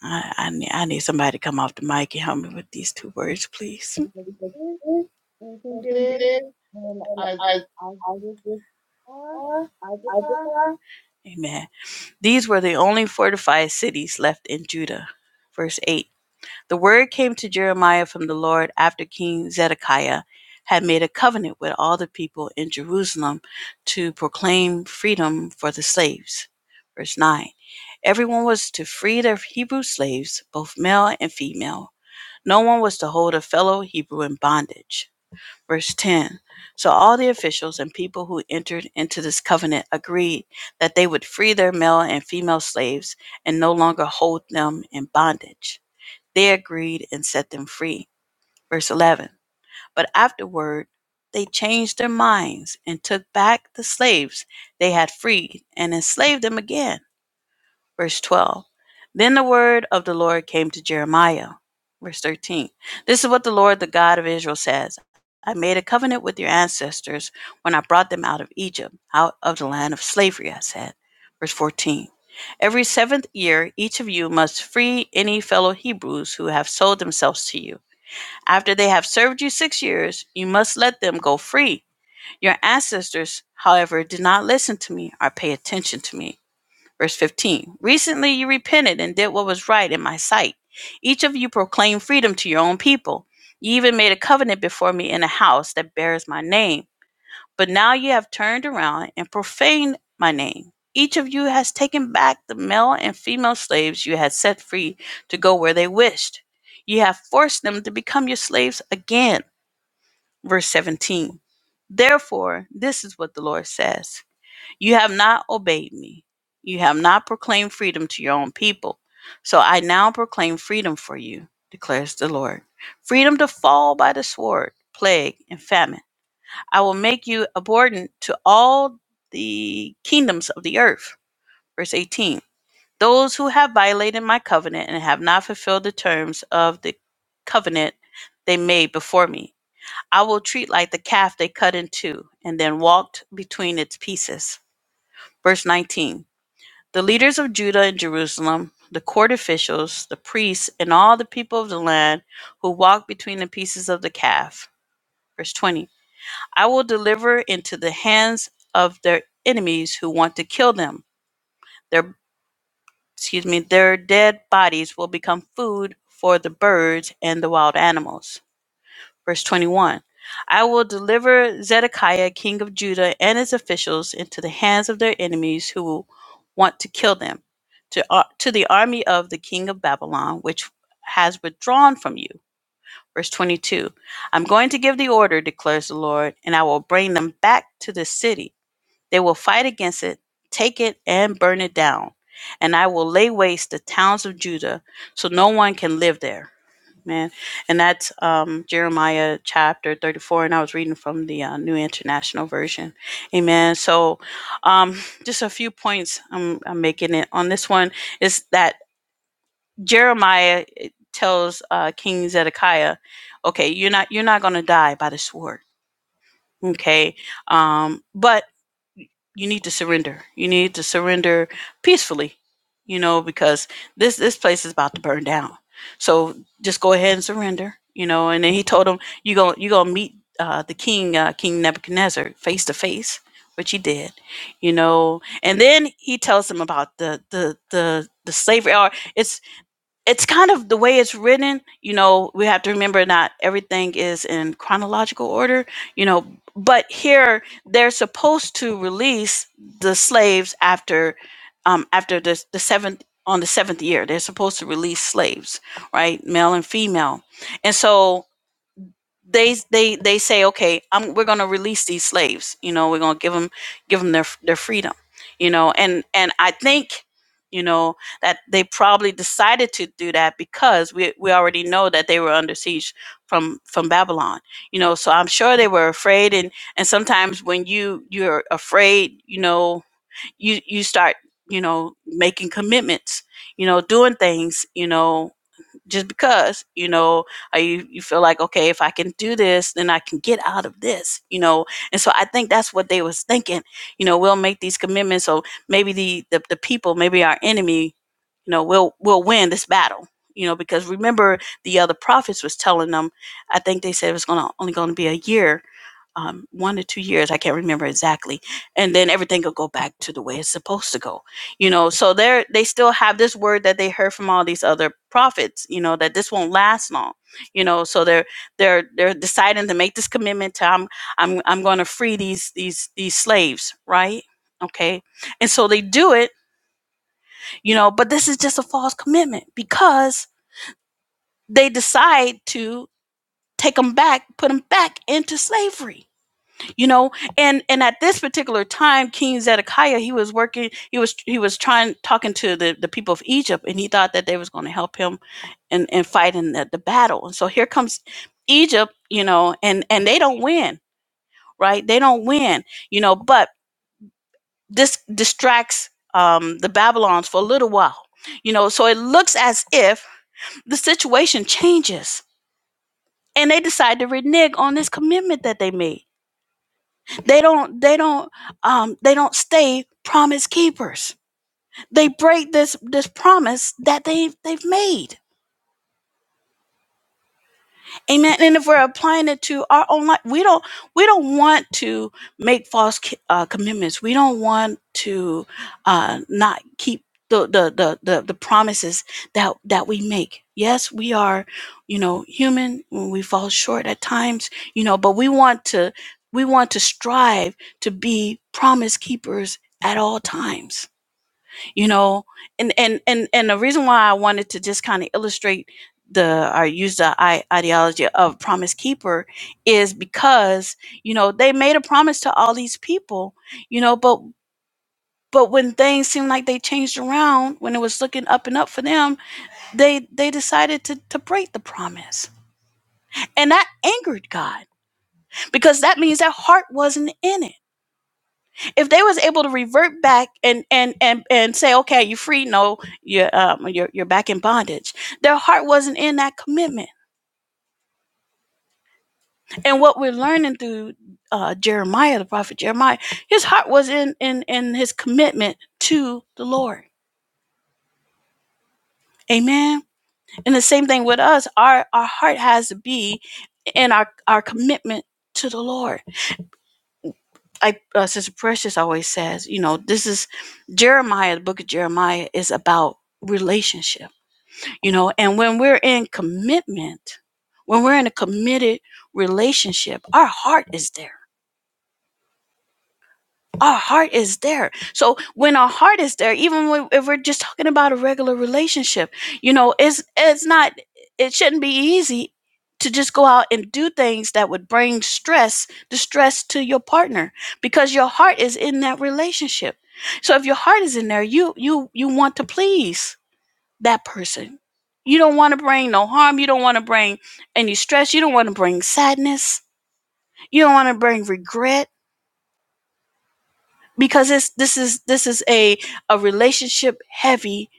Speaker 1: I, I, need, I need somebody to come off the mic and help me with these two words, please.
Speaker 3: Because it, is? You think it is. And I, I, Ivica.
Speaker 1: Amen. These were the only fortified cities left in Judah. Verse 8 The word came to Jeremiah from the Lord after King Zedekiah had made a covenant with all the people in Jerusalem to proclaim freedom for the slaves. Verse 9 Everyone was to free their Hebrew slaves, both male and female. No one was to hold a fellow Hebrew in bondage. Verse 10 So all the officials and people who entered into this covenant agreed that they would free their male and female slaves and no longer hold them in bondage. They agreed and set them free. Verse 11. But afterward, they changed their minds and took back the slaves they had freed and enslaved them again verse 12. Then the word of the Lord came to Jeremiah, verse 13. This is what the Lord, the God of Israel, says I made a covenant with your ancestors when I brought them out of Egypt, out of the land of slavery, I said. Verse 14. Every seventh year, each of you must free any fellow Hebrews who have sold themselves to you. After they have served you six years, you must let them go free. Your ancestors, however, did not listen to me or pay attention to me. Verse 15 Recently you repented and did what was right in my sight. Each of you proclaimed freedom to your own people. You even made a covenant before me in a house that bears my name. But now you have turned around and profaned my name. Each of you has taken back the male and female slaves you had set free to go where they wished. You have forced them to become your slaves again. Verse 17. Therefore, this is what the Lord says. You have not obeyed me. You have not proclaimed freedom to your own people. So I now proclaim freedom for you, declares the Lord. Freedom to fall by the sword, plague, and famine. I will make you abhorrent to all the kingdoms of the earth. Verse 18. Those who have violated my covenant and have not fulfilled the terms of the covenant they made before me, I will treat like the calf they cut in two and then walked between its pieces. Verse 19 the leaders of Judah and Jerusalem, the court officials, the priests, and all the people of the land who walked between the pieces of the calf. Verse 20 I will deliver into the hands of their enemies who want to kill them. Their excuse me, their dead bodies will become food for the birds and the wild animals. Verse 21 I will deliver Zedekiah, king of Judah, and his officials into the hands of their enemies who will want to kill them, to, ar- to the army of the king of Babylon, which has withdrawn from you. Verse 22 I'm going to give the order, declares the Lord, and I will bring them back to the city. They will fight against it, take it, and burn it down. And I will lay waste the towns of Judah so no one can live there. Man, and that's um, Jeremiah chapter 34, and I was reading from the uh, New International Version. Amen. So, um, just a few points I'm, I'm making it on this one is that Jeremiah tells uh, King Zedekiah, "Okay, you're not you're not going to die by the sword, okay? Um, but you need to surrender. You need to surrender peacefully, you know, because this this place is about to burn down. So just go ahead and surrender, you know. And then he told him, "You go, you gonna meet uh, the king, uh, King Nebuchadnezzar, face to face," which he did, you know. And then he tells him about the the the the slavery. Or it's it's kind of the way it's written, you know, we have to remember not everything is in chronological order, you know, but here they're supposed to release the slaves after um after the the seventh on the seventh year. They're supposed to release slaves, right? Male and female. And so they they they say okay I'm, we're going to release these slaves you know we're going to give them give them their their freedom you know and and i think you know that they probably decided to do that because we we already know that they were under siege from from babylon you know so i'm sure they were afraid and and sometimes when you you're afraid you know you you start you know making commitments you know doing things you know just because you know uh, you, you feel like okay if i can do this then i can get out of this you know and so i think that's what they was thinking you know we'll make these commitments so maybe the the, the people maybe our enemy you know will will win this battle you know because remember the other prophets was telling them i think they said it was gonna only gonna be a year um, one or two years. I can't remember exactly. And then everything will go back to the way it's supposed to go. You know, so they're, they still have this word that they heard from all these other prophets, you know, that this won't last long, you know, so they're, they're, they're deciding to make this commitment to, I'm, I'm, I'm going to free these, these, these slaves. Right. Okay. And so they do it, you know, but this is just a false commitment because they decide to take them back, put them back into slavery you know and and at this particular time king zedekiah he was working he was he was trying talking to the the people of egypt and he thought that they was going to help him and and fight in the, the battle and so here comes egypt you know and and they don't win right they don't win you know but this distracts um the babylons for a little while you know so it looks as if the situation changes and they decide to renege on this commitment that they made They don't they don't um they don't stay promise keepers. They break this this promise that they they've made. Amen. And if we're applying it to our own life, we don't we don't want to make false ki- uh, commitments. We don't want to uh, not keep the the, the the the promises that that we make. Yes, we are, you know, human. We fall short at times, you know, but we want to we want to strive to be promise keepers at all times you know and and and and the reason why i wanted to just kind of illustrate the or use the I, ideology of promise keeper is because you know they made a promise to all these people you know but but when things seemed like they changed around when it was looking up and up for them they they decided to to break the promise and that angered god because that means their heart wasn't in it if they was able to revert back and and and and say, okay, you're free, no, you're um, you're you're back in bondage. Their heart wasn't in that commitment. And what we're learning through uh, Jeremiah, the prophet Jeremiah, his heart was in in in his commitment to the Lord. Amen. And the same thing with us. Our our heart has to be in our our commitment to the Lord. I uh, Sister Precious always says, you know, this is Jeremiah. The book of Jeremiah is about relationship you know and when we're in commitment when we're in a committed relationship our heart is there our heart is there so when our heart is there even when, if we're just talking about a regular relationship you know it's it's not it shouldn't be easy to just go out and do things that would bring stress distress to your partner because your heart is in that relationship so if your heart is in there you you you want to please that person. You don't want to bring no harm. You don't want to bring any stress. You don't want to bring sadness. You don't want to bring regret because it's, this is this is a a relationship heavy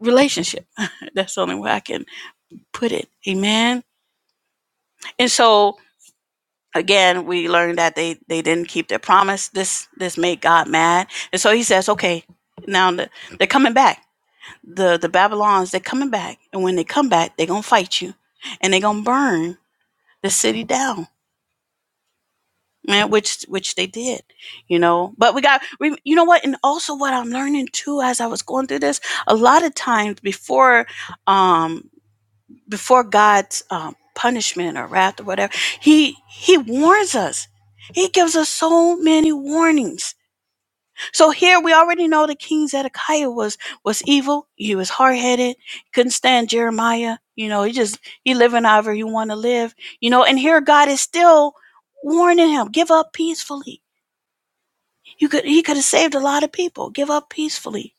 Speaker 1: relationship. That's the only way I can put it. Amen. And so again, we learned that they they didn't keep their promise. This this made God mad, and so He says, okay, now the, they're coming back. The the Babylons they're coming back, and when they come back, they're gonna fight you, and they're gonna burn the city down man, which which they did, you know. But we got we, you know what, and also what I'm learning too as I was going through this, a lot of times before, um, before God's um, punishment or wrath or whatever, he he warns us. He gives us so many warnings. So here we already know the king Zedekiah was was evil. He was hard headed. Couldn't stand Jeremiah. You know, he just he living however you want to live. You know, and here God is still warning him, give up peacefully you could he could have saved a lot of people. Give up peacefully,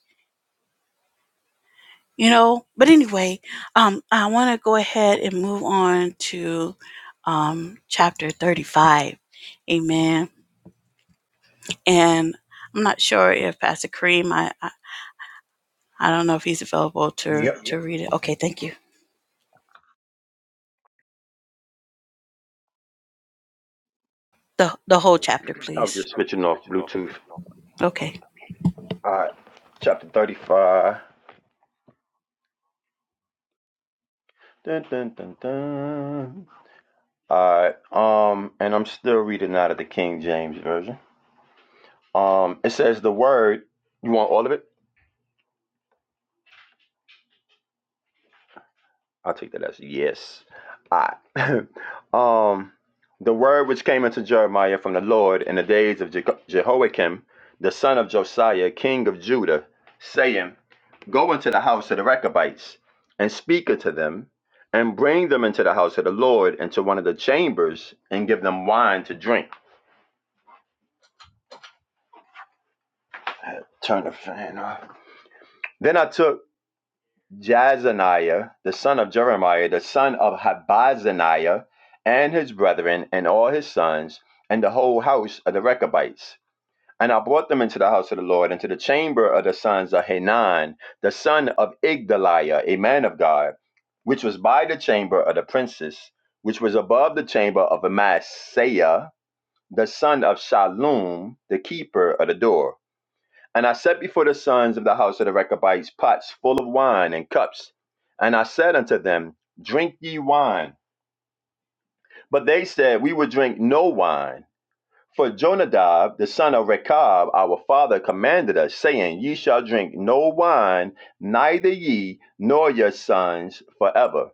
Speaker 1: you know. But anyway, um, I want to go ahead and move on to um, chapter thirty-five. Amen. And I'm not sure if Pastor Kareem, I I, I don't know if he's available to
Speaker 2: Yep.
Speaker 1: to read it. Okay, thank you. The the whole chapter,
Speaker 2: I was
Speaker 1: please.
Speaker 2: just switching off Bluetooth.
Speaker 1: Okay.
Speaker 2: All right. Chapter 35. Dun, dun, dun, dun. All right. Um, and I'm still reading out of the King James version. Um, it says the word. You want all of it? I'll take that as yes. All right. um, the word which came unto Jeremiah from the Lord in the days of Je- Jehoiakim, the son of Josiah, king of Judah, saying, Go into the house of the Rechabites and speak unto them, and bring them into the house of the Lord into one of the chambers, and give them wine to drink. Turn the fan off. Then I took Jazaniah, the son of Jeremiah, the son of Habazaniah, and his brethren, and all his sons, and the whole house of the Rechabites. And I brought them into the house of the Lord, into the chamber of the sons of Hanan, the son of Igdaliah, a man of God, which was by the chamber of the princes, which was above the chamber of Amasiah, the son of Shallum, the keeper of the door. And I set before the sons of the house of the Rechabites pots full of wine and cups. And I said unto them, Drink ye wine. But they said, We would drink no wine. For Jonadab, the son of Rechab, our father, commanded us, saying, Ye shall drink no wine, neither ye nor your sons forever.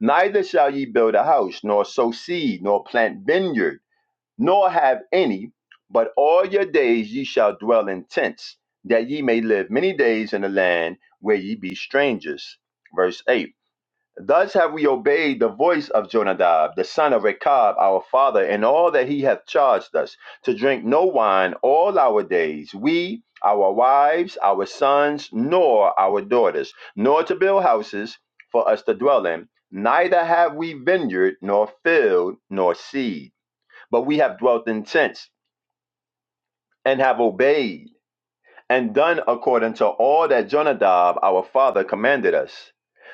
Speaker 2: Neither shall ye build a house, nor sow seed, nor plant vineyard nor have any, but all your days ye shall dwell in tents, that ye may live many days in the land where ye be strangers. Verse 8 Thus have we obeyed the voice of Jonadab, the son of Rechab, our father, and all that he hath charged us, to drink no wine all our days, we, our wives, our sons, nor our daughters, nor to build houses for us to dwell in, neither have we vineyard, nor field, nor seed but we have dwelt in tents and have obeyed and done according to all that Jonadab our father commanded us.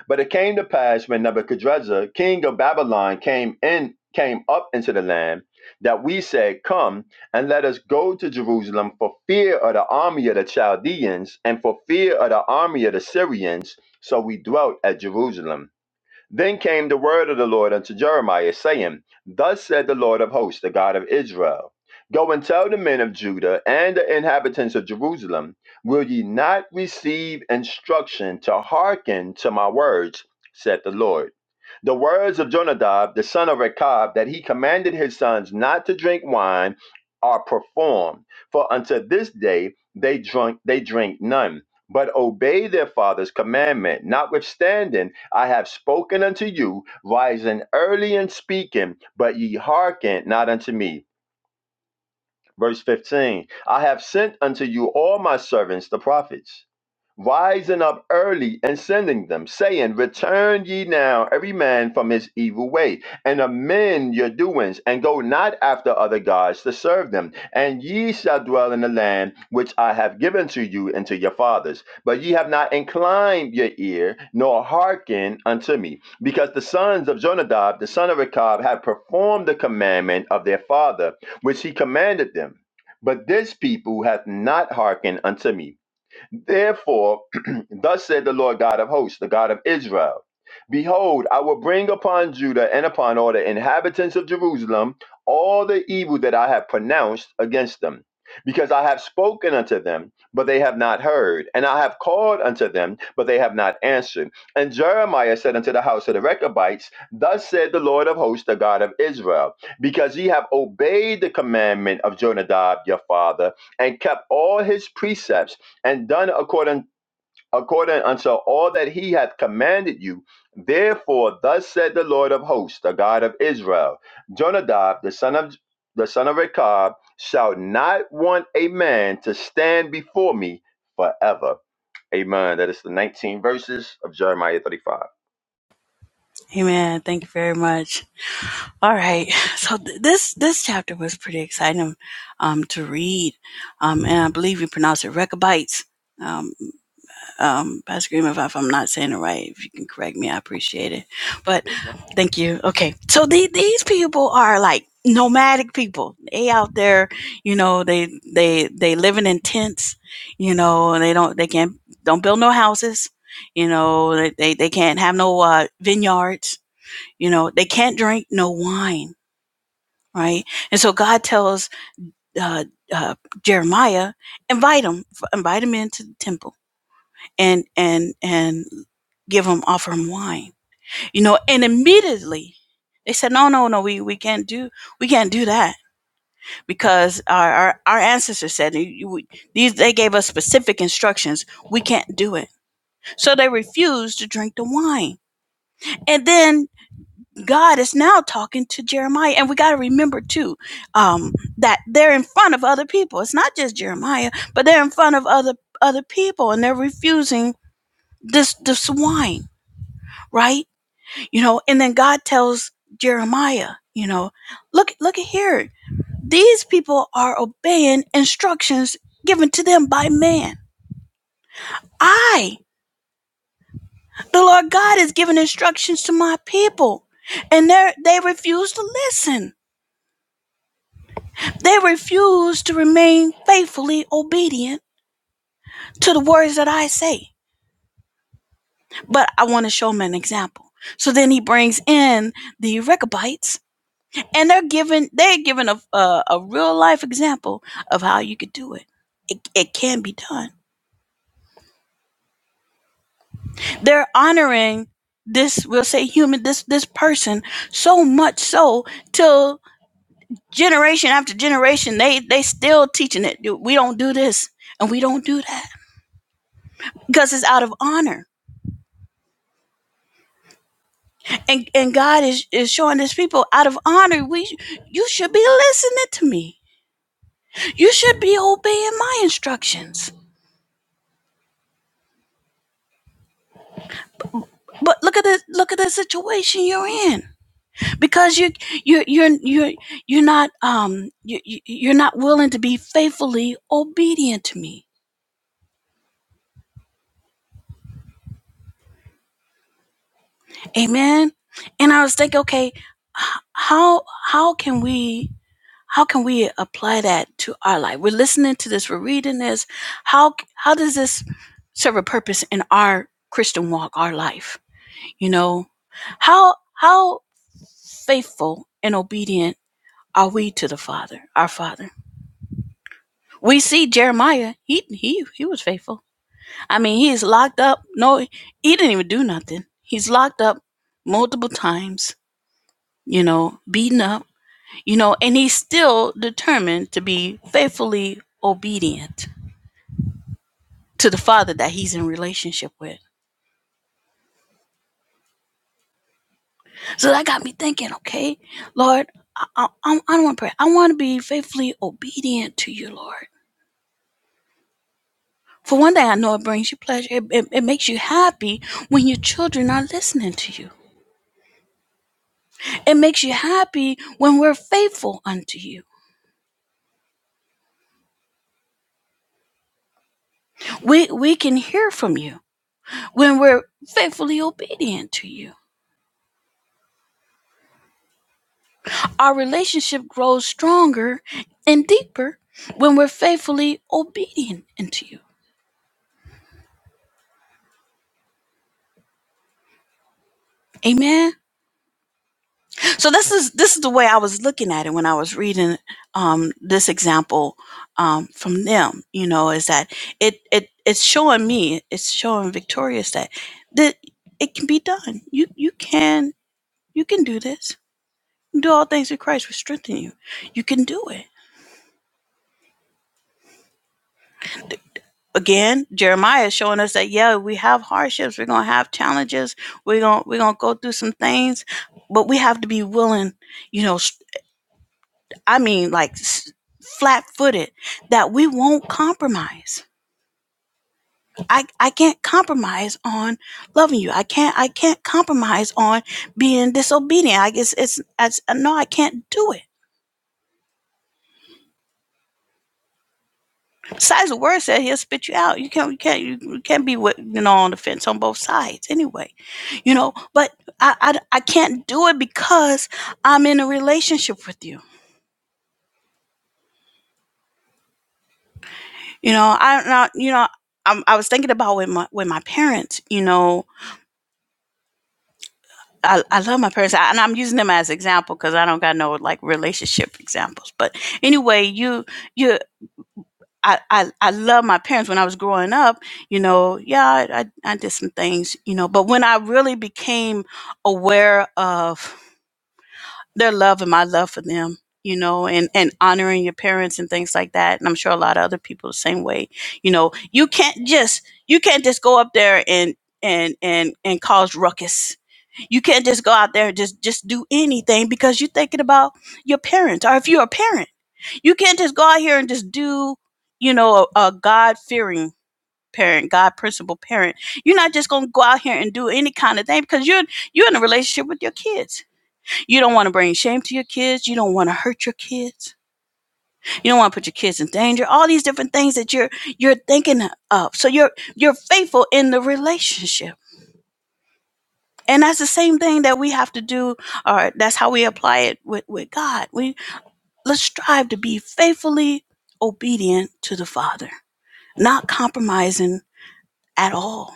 Speaker 2: But it came to pass when Nebuchadrezzar, king of Babylon, came in came up into the land that we said, Come and let us go to Jerusalem for fear of the army of the Chaldeans and for fear of the army of the Syrians. So we dwelt at Jerusalem. Then came the word of the Lord unto Jeremiah, saying, Thus said the Lord of hosts, the God of Israel Go and tell the men of Judah and the inhabitants of Jerusalem, Will ye not receive instruction to hearken to my words, said the Lord. The words of Jonadab, the son of Rechab, that he commanded his sons not to drink wine, are performed. For unto this day they drink, they drink none but obey their father's commandment. Notwithstanding, I have spoken unto you, rising early and speaking, but ye hearken not unto me. Verse 15 I have sent unto you all my servants, the prophets, rising up early and sending them, saying, Return ye now, every man from his evil way, and amend your doings, and go not after other gods to serve them. And ye shall dwell in the land which I have given to you and to your fathers. But ye have not inclined your ear, nor hearkened unto me, because the sons of Jonadab, the son of Rechab, have performed the commandment of their father which he commanded them. But this people hath not hearkened unto me. Therefore, thus said the Lord God of hosts, the God of Israel Behold, I will bring upon Judah and upon all the inhabitants of Jerusalem all the evil that I have pronounced against them. Because I have spoken unto them, but they have not heard, and I have called unto them, but they have not answered. And Jeremiah said unto the house of the Rechabites, Thus said the Lord of hosts, the God of Israel, because ye have obeyed the commandment of Jonadab your father, and kept all his precepts and done according according unto all that he hath commanded you. Therefore, thus said the Lord of hosts, the God of Israel: Jonadab, the son of the son of Rechab, shall not want a man to stand before me forever. Amen. That is the 19 verses of Jeremiah 35.
Speaker 1: Amen. Thank you very much. All right. So th- this this chapter was pretty exciting um, to read, um, and I believe you pronounce it Rechabites. Um, um, Pastor Greenwood, if I'm not saying it right, if you can correct me, I appreciate it. But thank you. Okay. So the, these people are like nomadic people. They out there, you know, they, they, they living in tents, you know, and they don't, they can't, don't build no houses, you know, they, they, they can't have no uh, vineyards, you know, they can't drink no wine. Right. And so God tells, uh, uh, Jeremiah, invite them, invite them into the temple and and and give him offer him wine you know and immediately they said no no no we, we can't do we can't do that because our our, our ancestors said you, these they gave us specific instructions we can't do it so they refused to drink the wine and then god is now talking to jeremiah and we got to remember too um, that they're in front of other people it's not just jeremiah but they're in front of other other people and they're refusing this this wine right you know and then god tells jeremiah you know look look at here these people are obeying instructions given to them by man i the lord god is giving instructions to my people and they they refuse to listen they refuse to remain faithfully obedient to the words that i say but i want to show them an example so then he brings in the rechabites and they're given they're given a, a a real life example of how you could do it. It it can be done. They're honoring this we'll say human this this person so much so till generation after generation they they still teaching it. We don't do this and we don't do that because it's out of honor. And and God is is showing His people out of honor. We you should be listening to me. You should be obeying my instructions. But look at the look at the situation you're in. because you you you're you're you're not um you you- you're not willing to be faithfully obedient to me amen and i was thinking okay h- how how can we how can we apply that to our life we're listening to this we're reading this how how does this serve a purpose in our christian walk our life you know how how faithful and obedient are we to the father our father we see jeremiah he he he was faithful I mean, he is locked up. No, he didn't even do nothing. He's locked up multiple times, you know, beaten up, you know, and he's still determined to be faithfully obedient to the father that he's in relationship with. So that got me thinking, okay, Lord, I, I, I don't want to pray. I want to be faithfully obedient to you, Lord. For one thing, I know it brings you pleasure. It, it, it makes you happy when your children are listening to you. It makes you happy when we're faithful unto you. We we can hear from you when we're faithfully obedient to you. Our relationship grows stronger and deeper when we're faithfully obedient unto you. Amen. So this is this is the way I was looking at it when I was reading um, this example um, from them. You know, is that it it it's showing me, it's showing Victorious that that it can be done. You you can you can do this. Do all things in Christ, which strengthen you. You can do it again jeremiah is showing us that yeah we have hardships we're gonna have challenges we're gonna we're gonna go through some things but we have to be willing you know I mean like flat footed that we won't compromise i i can't compromise on loving you i can't i can't compromise on being disobedient i guess it's, it's no i can't do it Besides, the word said he'll spit you out. You can't, you can't, you can't be with, you know on the fence on both sides anyway, you know. But I, I, I can't do it because I'm in a relationship with you. You know, I not, you know, I'm, I was thinking about with my with my parents. You know, I, I love my parents, I, and I'm using them as example because I don't got no like relationship examples. But anyway, you, you, I, I, I love my parents when I was growing up, you know, yeah, I, I, I did some things, you know, but when I really became aware of their love and my love for them, you know, and, and honoring your parents and things like that. And I'm sure a lot of other people the same way, you know, you can't just, you can't just go up there and, and, and, and cause ruckus. You can't just go out there and just, just do anything because you're thinking about your parents or if you're a parent you can't just go out here and just do, you know, a, a God fearing parent, God principle parent. You're not just gonna go out here and do any kind of thing because you're you're in a relationship with your kids. You don't want to bring shame to your kids. You don't want to hurt your kids. You don't want to put your kids in danger. All these different things that you're you're thinking of. So you're you're faithful in the relationship. And that's the same thing that we have to do, or that's how we apply it with, with God. We let's strive to be faithfully obedient to the Father. not compromising at all.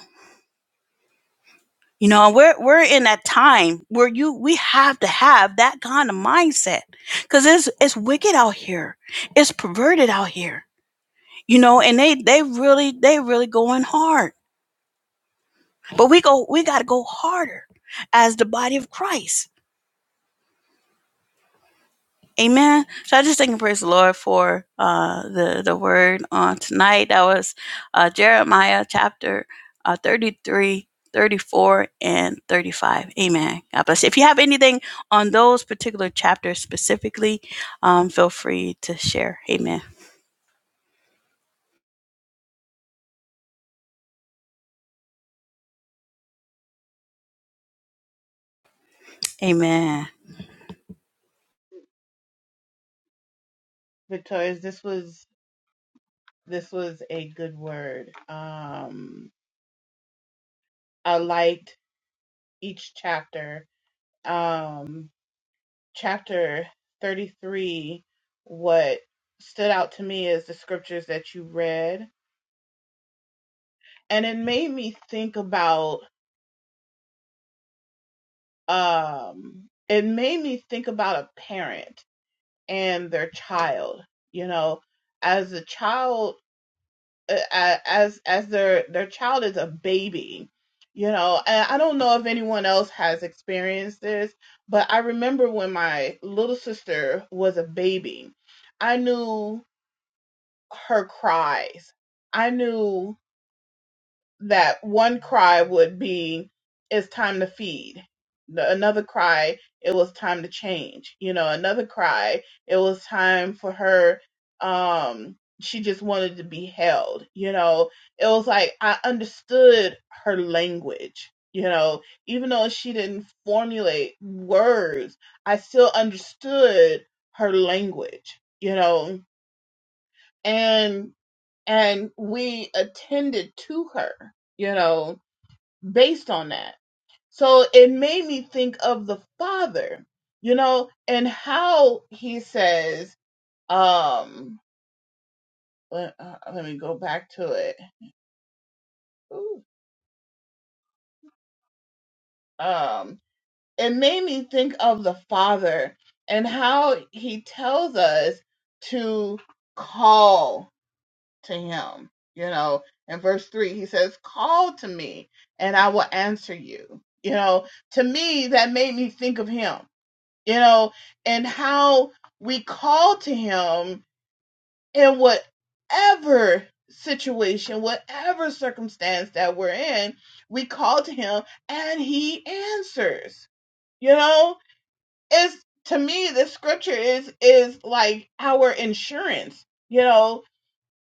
Speaker 1: You know, we're we're in that time where you we have to have that kind of mindset because it's it's wicked out here, it's perverted out here. You know, and they they really they really going hard, but we go we got to go harder as the body of Christ Amen. So I just thank and praise the Lord for uh, the the word on tonight. That was uh, Jeremiah chapter uh, 33, thirty-four, and 35. Amen. God bless you. If you have anything on those particular chapters specifically, um, feel free to share. Amen. Amen.
Speaker 3: Victoria's. This was this was a good word. Um, I liked each chapter. Um, chapter 33, what stood out to me is the scriptures that you read. And it made me think about, um, it made me think about a parent and their child, you know, as a child, uh, uh, as, as their, their child is a baby, you know, and I don't know if anyone else has experienced this, but I remember when my little sister was a baby, I knew her cries. I knew that one cry would be, it's time to feed. The- Another cry, it was time to change. You know, another cry, it was time for her, um, she just wanted to be held. You know, it was like I understood her language. You know, even though she didn't formulate words, I still understood her language, you know, and and we attended to her, you know, based on that. So it made me think of the father, you know, and how he says, um, let, uh, let me go back to it. Ooh. Um, it made me think of the father and how he tells us to call to him. You know, in verse three, he says, Call to me and I will answer you. You know, to me, that made me think of him, you know, and how we call to him in whatever situation, whatever circumstance that we're in, we call to him and he answers. You know, it's to me, the scripture is is like our insurance, you know,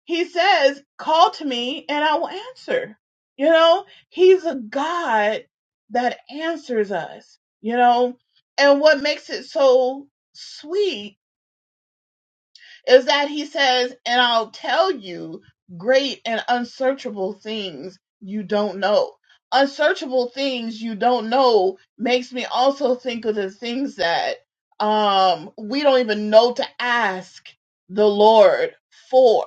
Speaker 3: he says, call to me and I will answer. You know, he's a God that answers us, you know, and what makes it so sweet is that he says, and I'll tell you great and unsearchable things you don't know. Unsearchable things you don't know makes me also think of the things that um, we don't even know to ask the Lord for,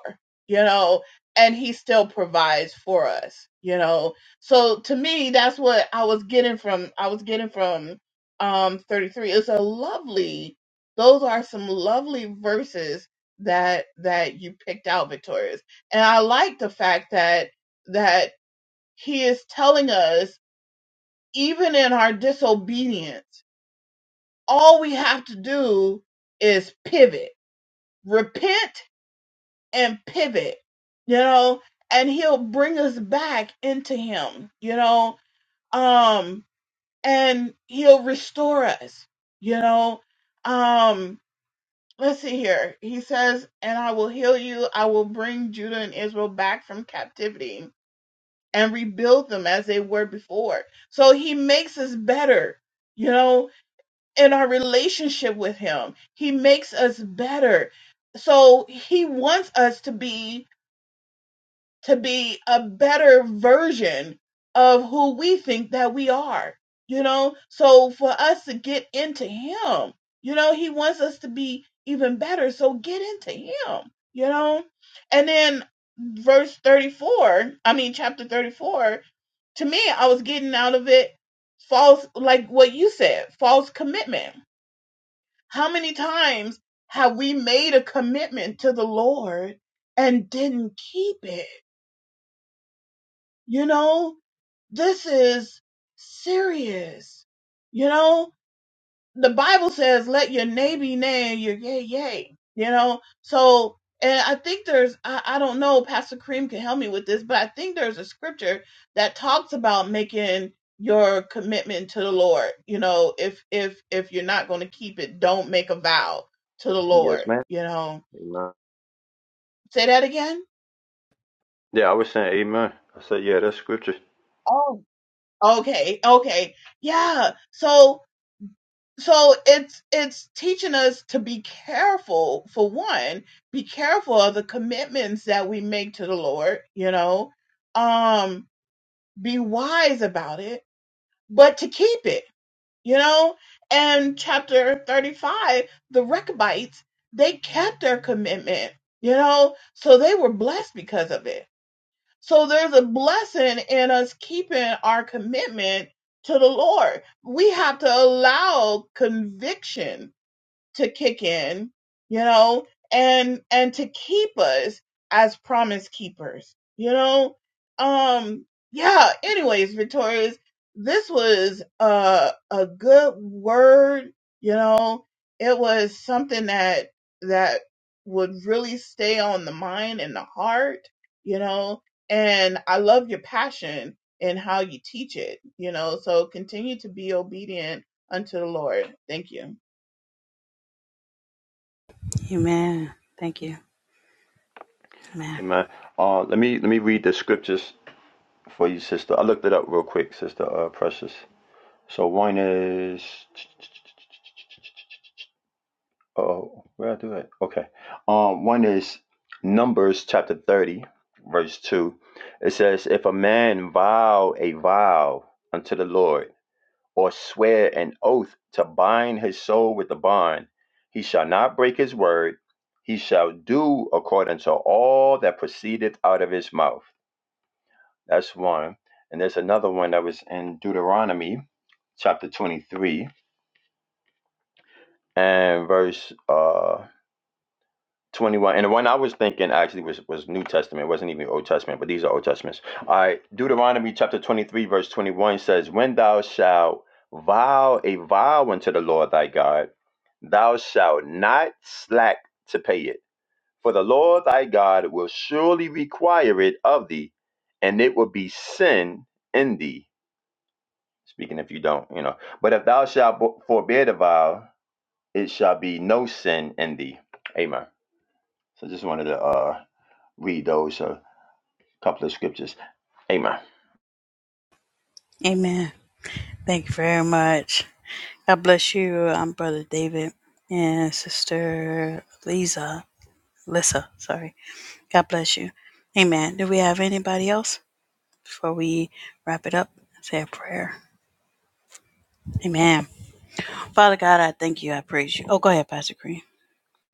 Speaker 3: you know, and he still provides for us, you know. So to me, that's what I was getting from, I was getting from um, 33. It's a lovely, those are some lovely verses that that you picked out victorious and i like the fact that that he is telling us even in our disobedience all we have to do is pivot repent and pivot you know and he'll bring us back into him you know um and he'll restore us you know um Let's see here. He says, And I will heal you. I will bring Judah and Israel back from captivity and rebuild them as they were before. So he makes us better, you know, in our relationship with him. He makes us better. So he wants us to be to be a better version of who we think that we are, you know? So for us to get into Him, you know, He wants us to be even better. So get into Him, you know? And then verse 34, I mean, chapter 34, to me, I was getting out of it false, like what you said, false commitment. How many times have we made a commitment to the Lord and didn't keep it? You know, this is serious. You know, the Bible says, let your nay be nay and your yay, yay. You know, so, and I think there's, I, I don't know, Pastor Kareem can help me with this, but I think there's a scripture that talks about making your commitment to the Lord. You know, if, if, if you're not going to keep it, don't make a vow to the
Speaker 2: Yes,
Speaker 3: Lord.
Speaker 2: man.
Speaker 3: You know,
Speaker 2: Amen.
Speaker 3: say that again.
Speaker 2: Yeah, I was saying amen. I said, yeah, that's scripture.
Speaker 3: Oh, okay. Okay. Yeah. So, so it's it's teaching us to be careful for one be careful of the commitments that we make to the lord you know um be wise about it but to keep it you know and chapter 35 the rechabites they kept their commitment you know so they were blessed because of it so there's a blessing in us keeping our commitment to the lord we have to allow conviction to kick in, you know, and and to keep us as promise keepers, you know. Um yeah, anyways, Victorious, this was a a good word, you know. It was something that that would really stay on the mind and the heart, you know. And I love your passion in how you teach it, you know. So continue to be obedient unto the Lord. Thank you.
Speaker 1: Amen. Thank you. Amen.
Speaker 2: Amen. Uh, let me let me read the scriptures for you, sister. I looked it up real quick, sister. Uh, precious. So one is oh, where do I do it? Okay. Um, one is Numbers chapter thirty, verse two. It says, "If a man vow a vow unto the Lord, or swear an oath to bind his soul with a bond, he shall not break his word. He shall do according to all that proceedeth out of his mouth." That's one. And there's another one that was in Deuteronomy chapter twenty-three and verse uh 21 and the one i was thinking actually was was new testament it wasn't even old testament but these are old testaments all right deuteronomy chapter 23 verse 21 says when thou shalt vow a vow unto the lord thy god thou shalt not slack to pay it for the lord thy god will surely require it of thee and it will be sin in thee speaking if you don't you know but if thou shalt bo- forbear the vow it shall be no sin in thee amen So just wanted to uh, read those a couple of scriptures. Amen.
Speaker 1: Amen. Thank you very much. God bless you, um, Brother David and Sister Lisa. Lissa, sorry. God bless you. Amen. Do we have anybody else before we wrap it up? Say a prayer. Amen. Father God, I thank you. I praise you. Oh, go ahead, Pastor Green.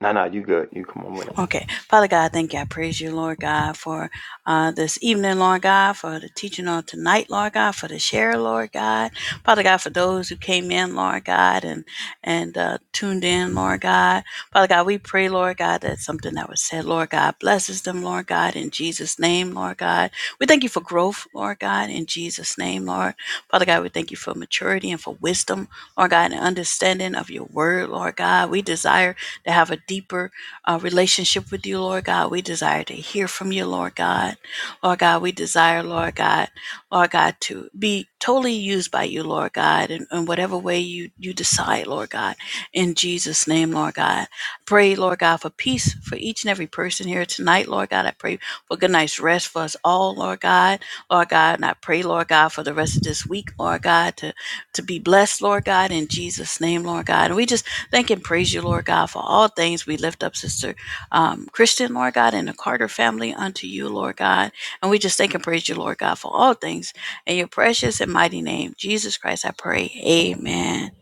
Speaker 2: No, no, you good. You come on with it.
Speaker 1: Okay. Father God, thank you. I praise you, Lord God, for uh, this evening, Lord God, for the teaching on tonight, Lord God, for the share, Lord God. Father God, for those who came in, Lord God, and and uh, tuned in, Lord God. Father God, we pray, Lord God, that something that was said, Lord God, blesses them, Lord God, in Jesus' name, Lord God. We thank you for growth, Lord God, in Jesus' name, Lord. Father God, we thank you for maturity and for wisdom, Lord God, and understanding of your word, Lord God. We desire to have a deeper uh, relationship with you, Lord God. We desire to hear from you, Lord God. Lord God, we desire, Lord God, Lord God, to be totally used by you, Lord God, in, in whatever way you, you decide, Lord God. In Jesus' name, Lord God. Pray, Lord God, for peace for each and every person here tonight, Lord God. I pray for good night's rest for us all, Lord God. Lord God, and I pray, Lord God, for the rest of this week, Lord God, to, to be blessed, Lord God, in Jesus' name, Lord God. And we just Thank and praise you, Lord God, for all things. We lift up Sister um, Christian, Lord God, and the Carter family unto you, Lord God. And we just thank and praise you, Lord God, for all things. In your precious and mighty name, Jesus Christ, I pray. Amen.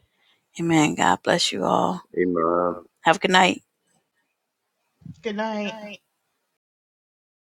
Speaker 1: Amen. God bless you all.
Speaker 2: Amen.
Speaker 1: Have a good night.
Speaker 3: Good
Speaker 1: Good
Speaker 3: night.
Speaker 1: night.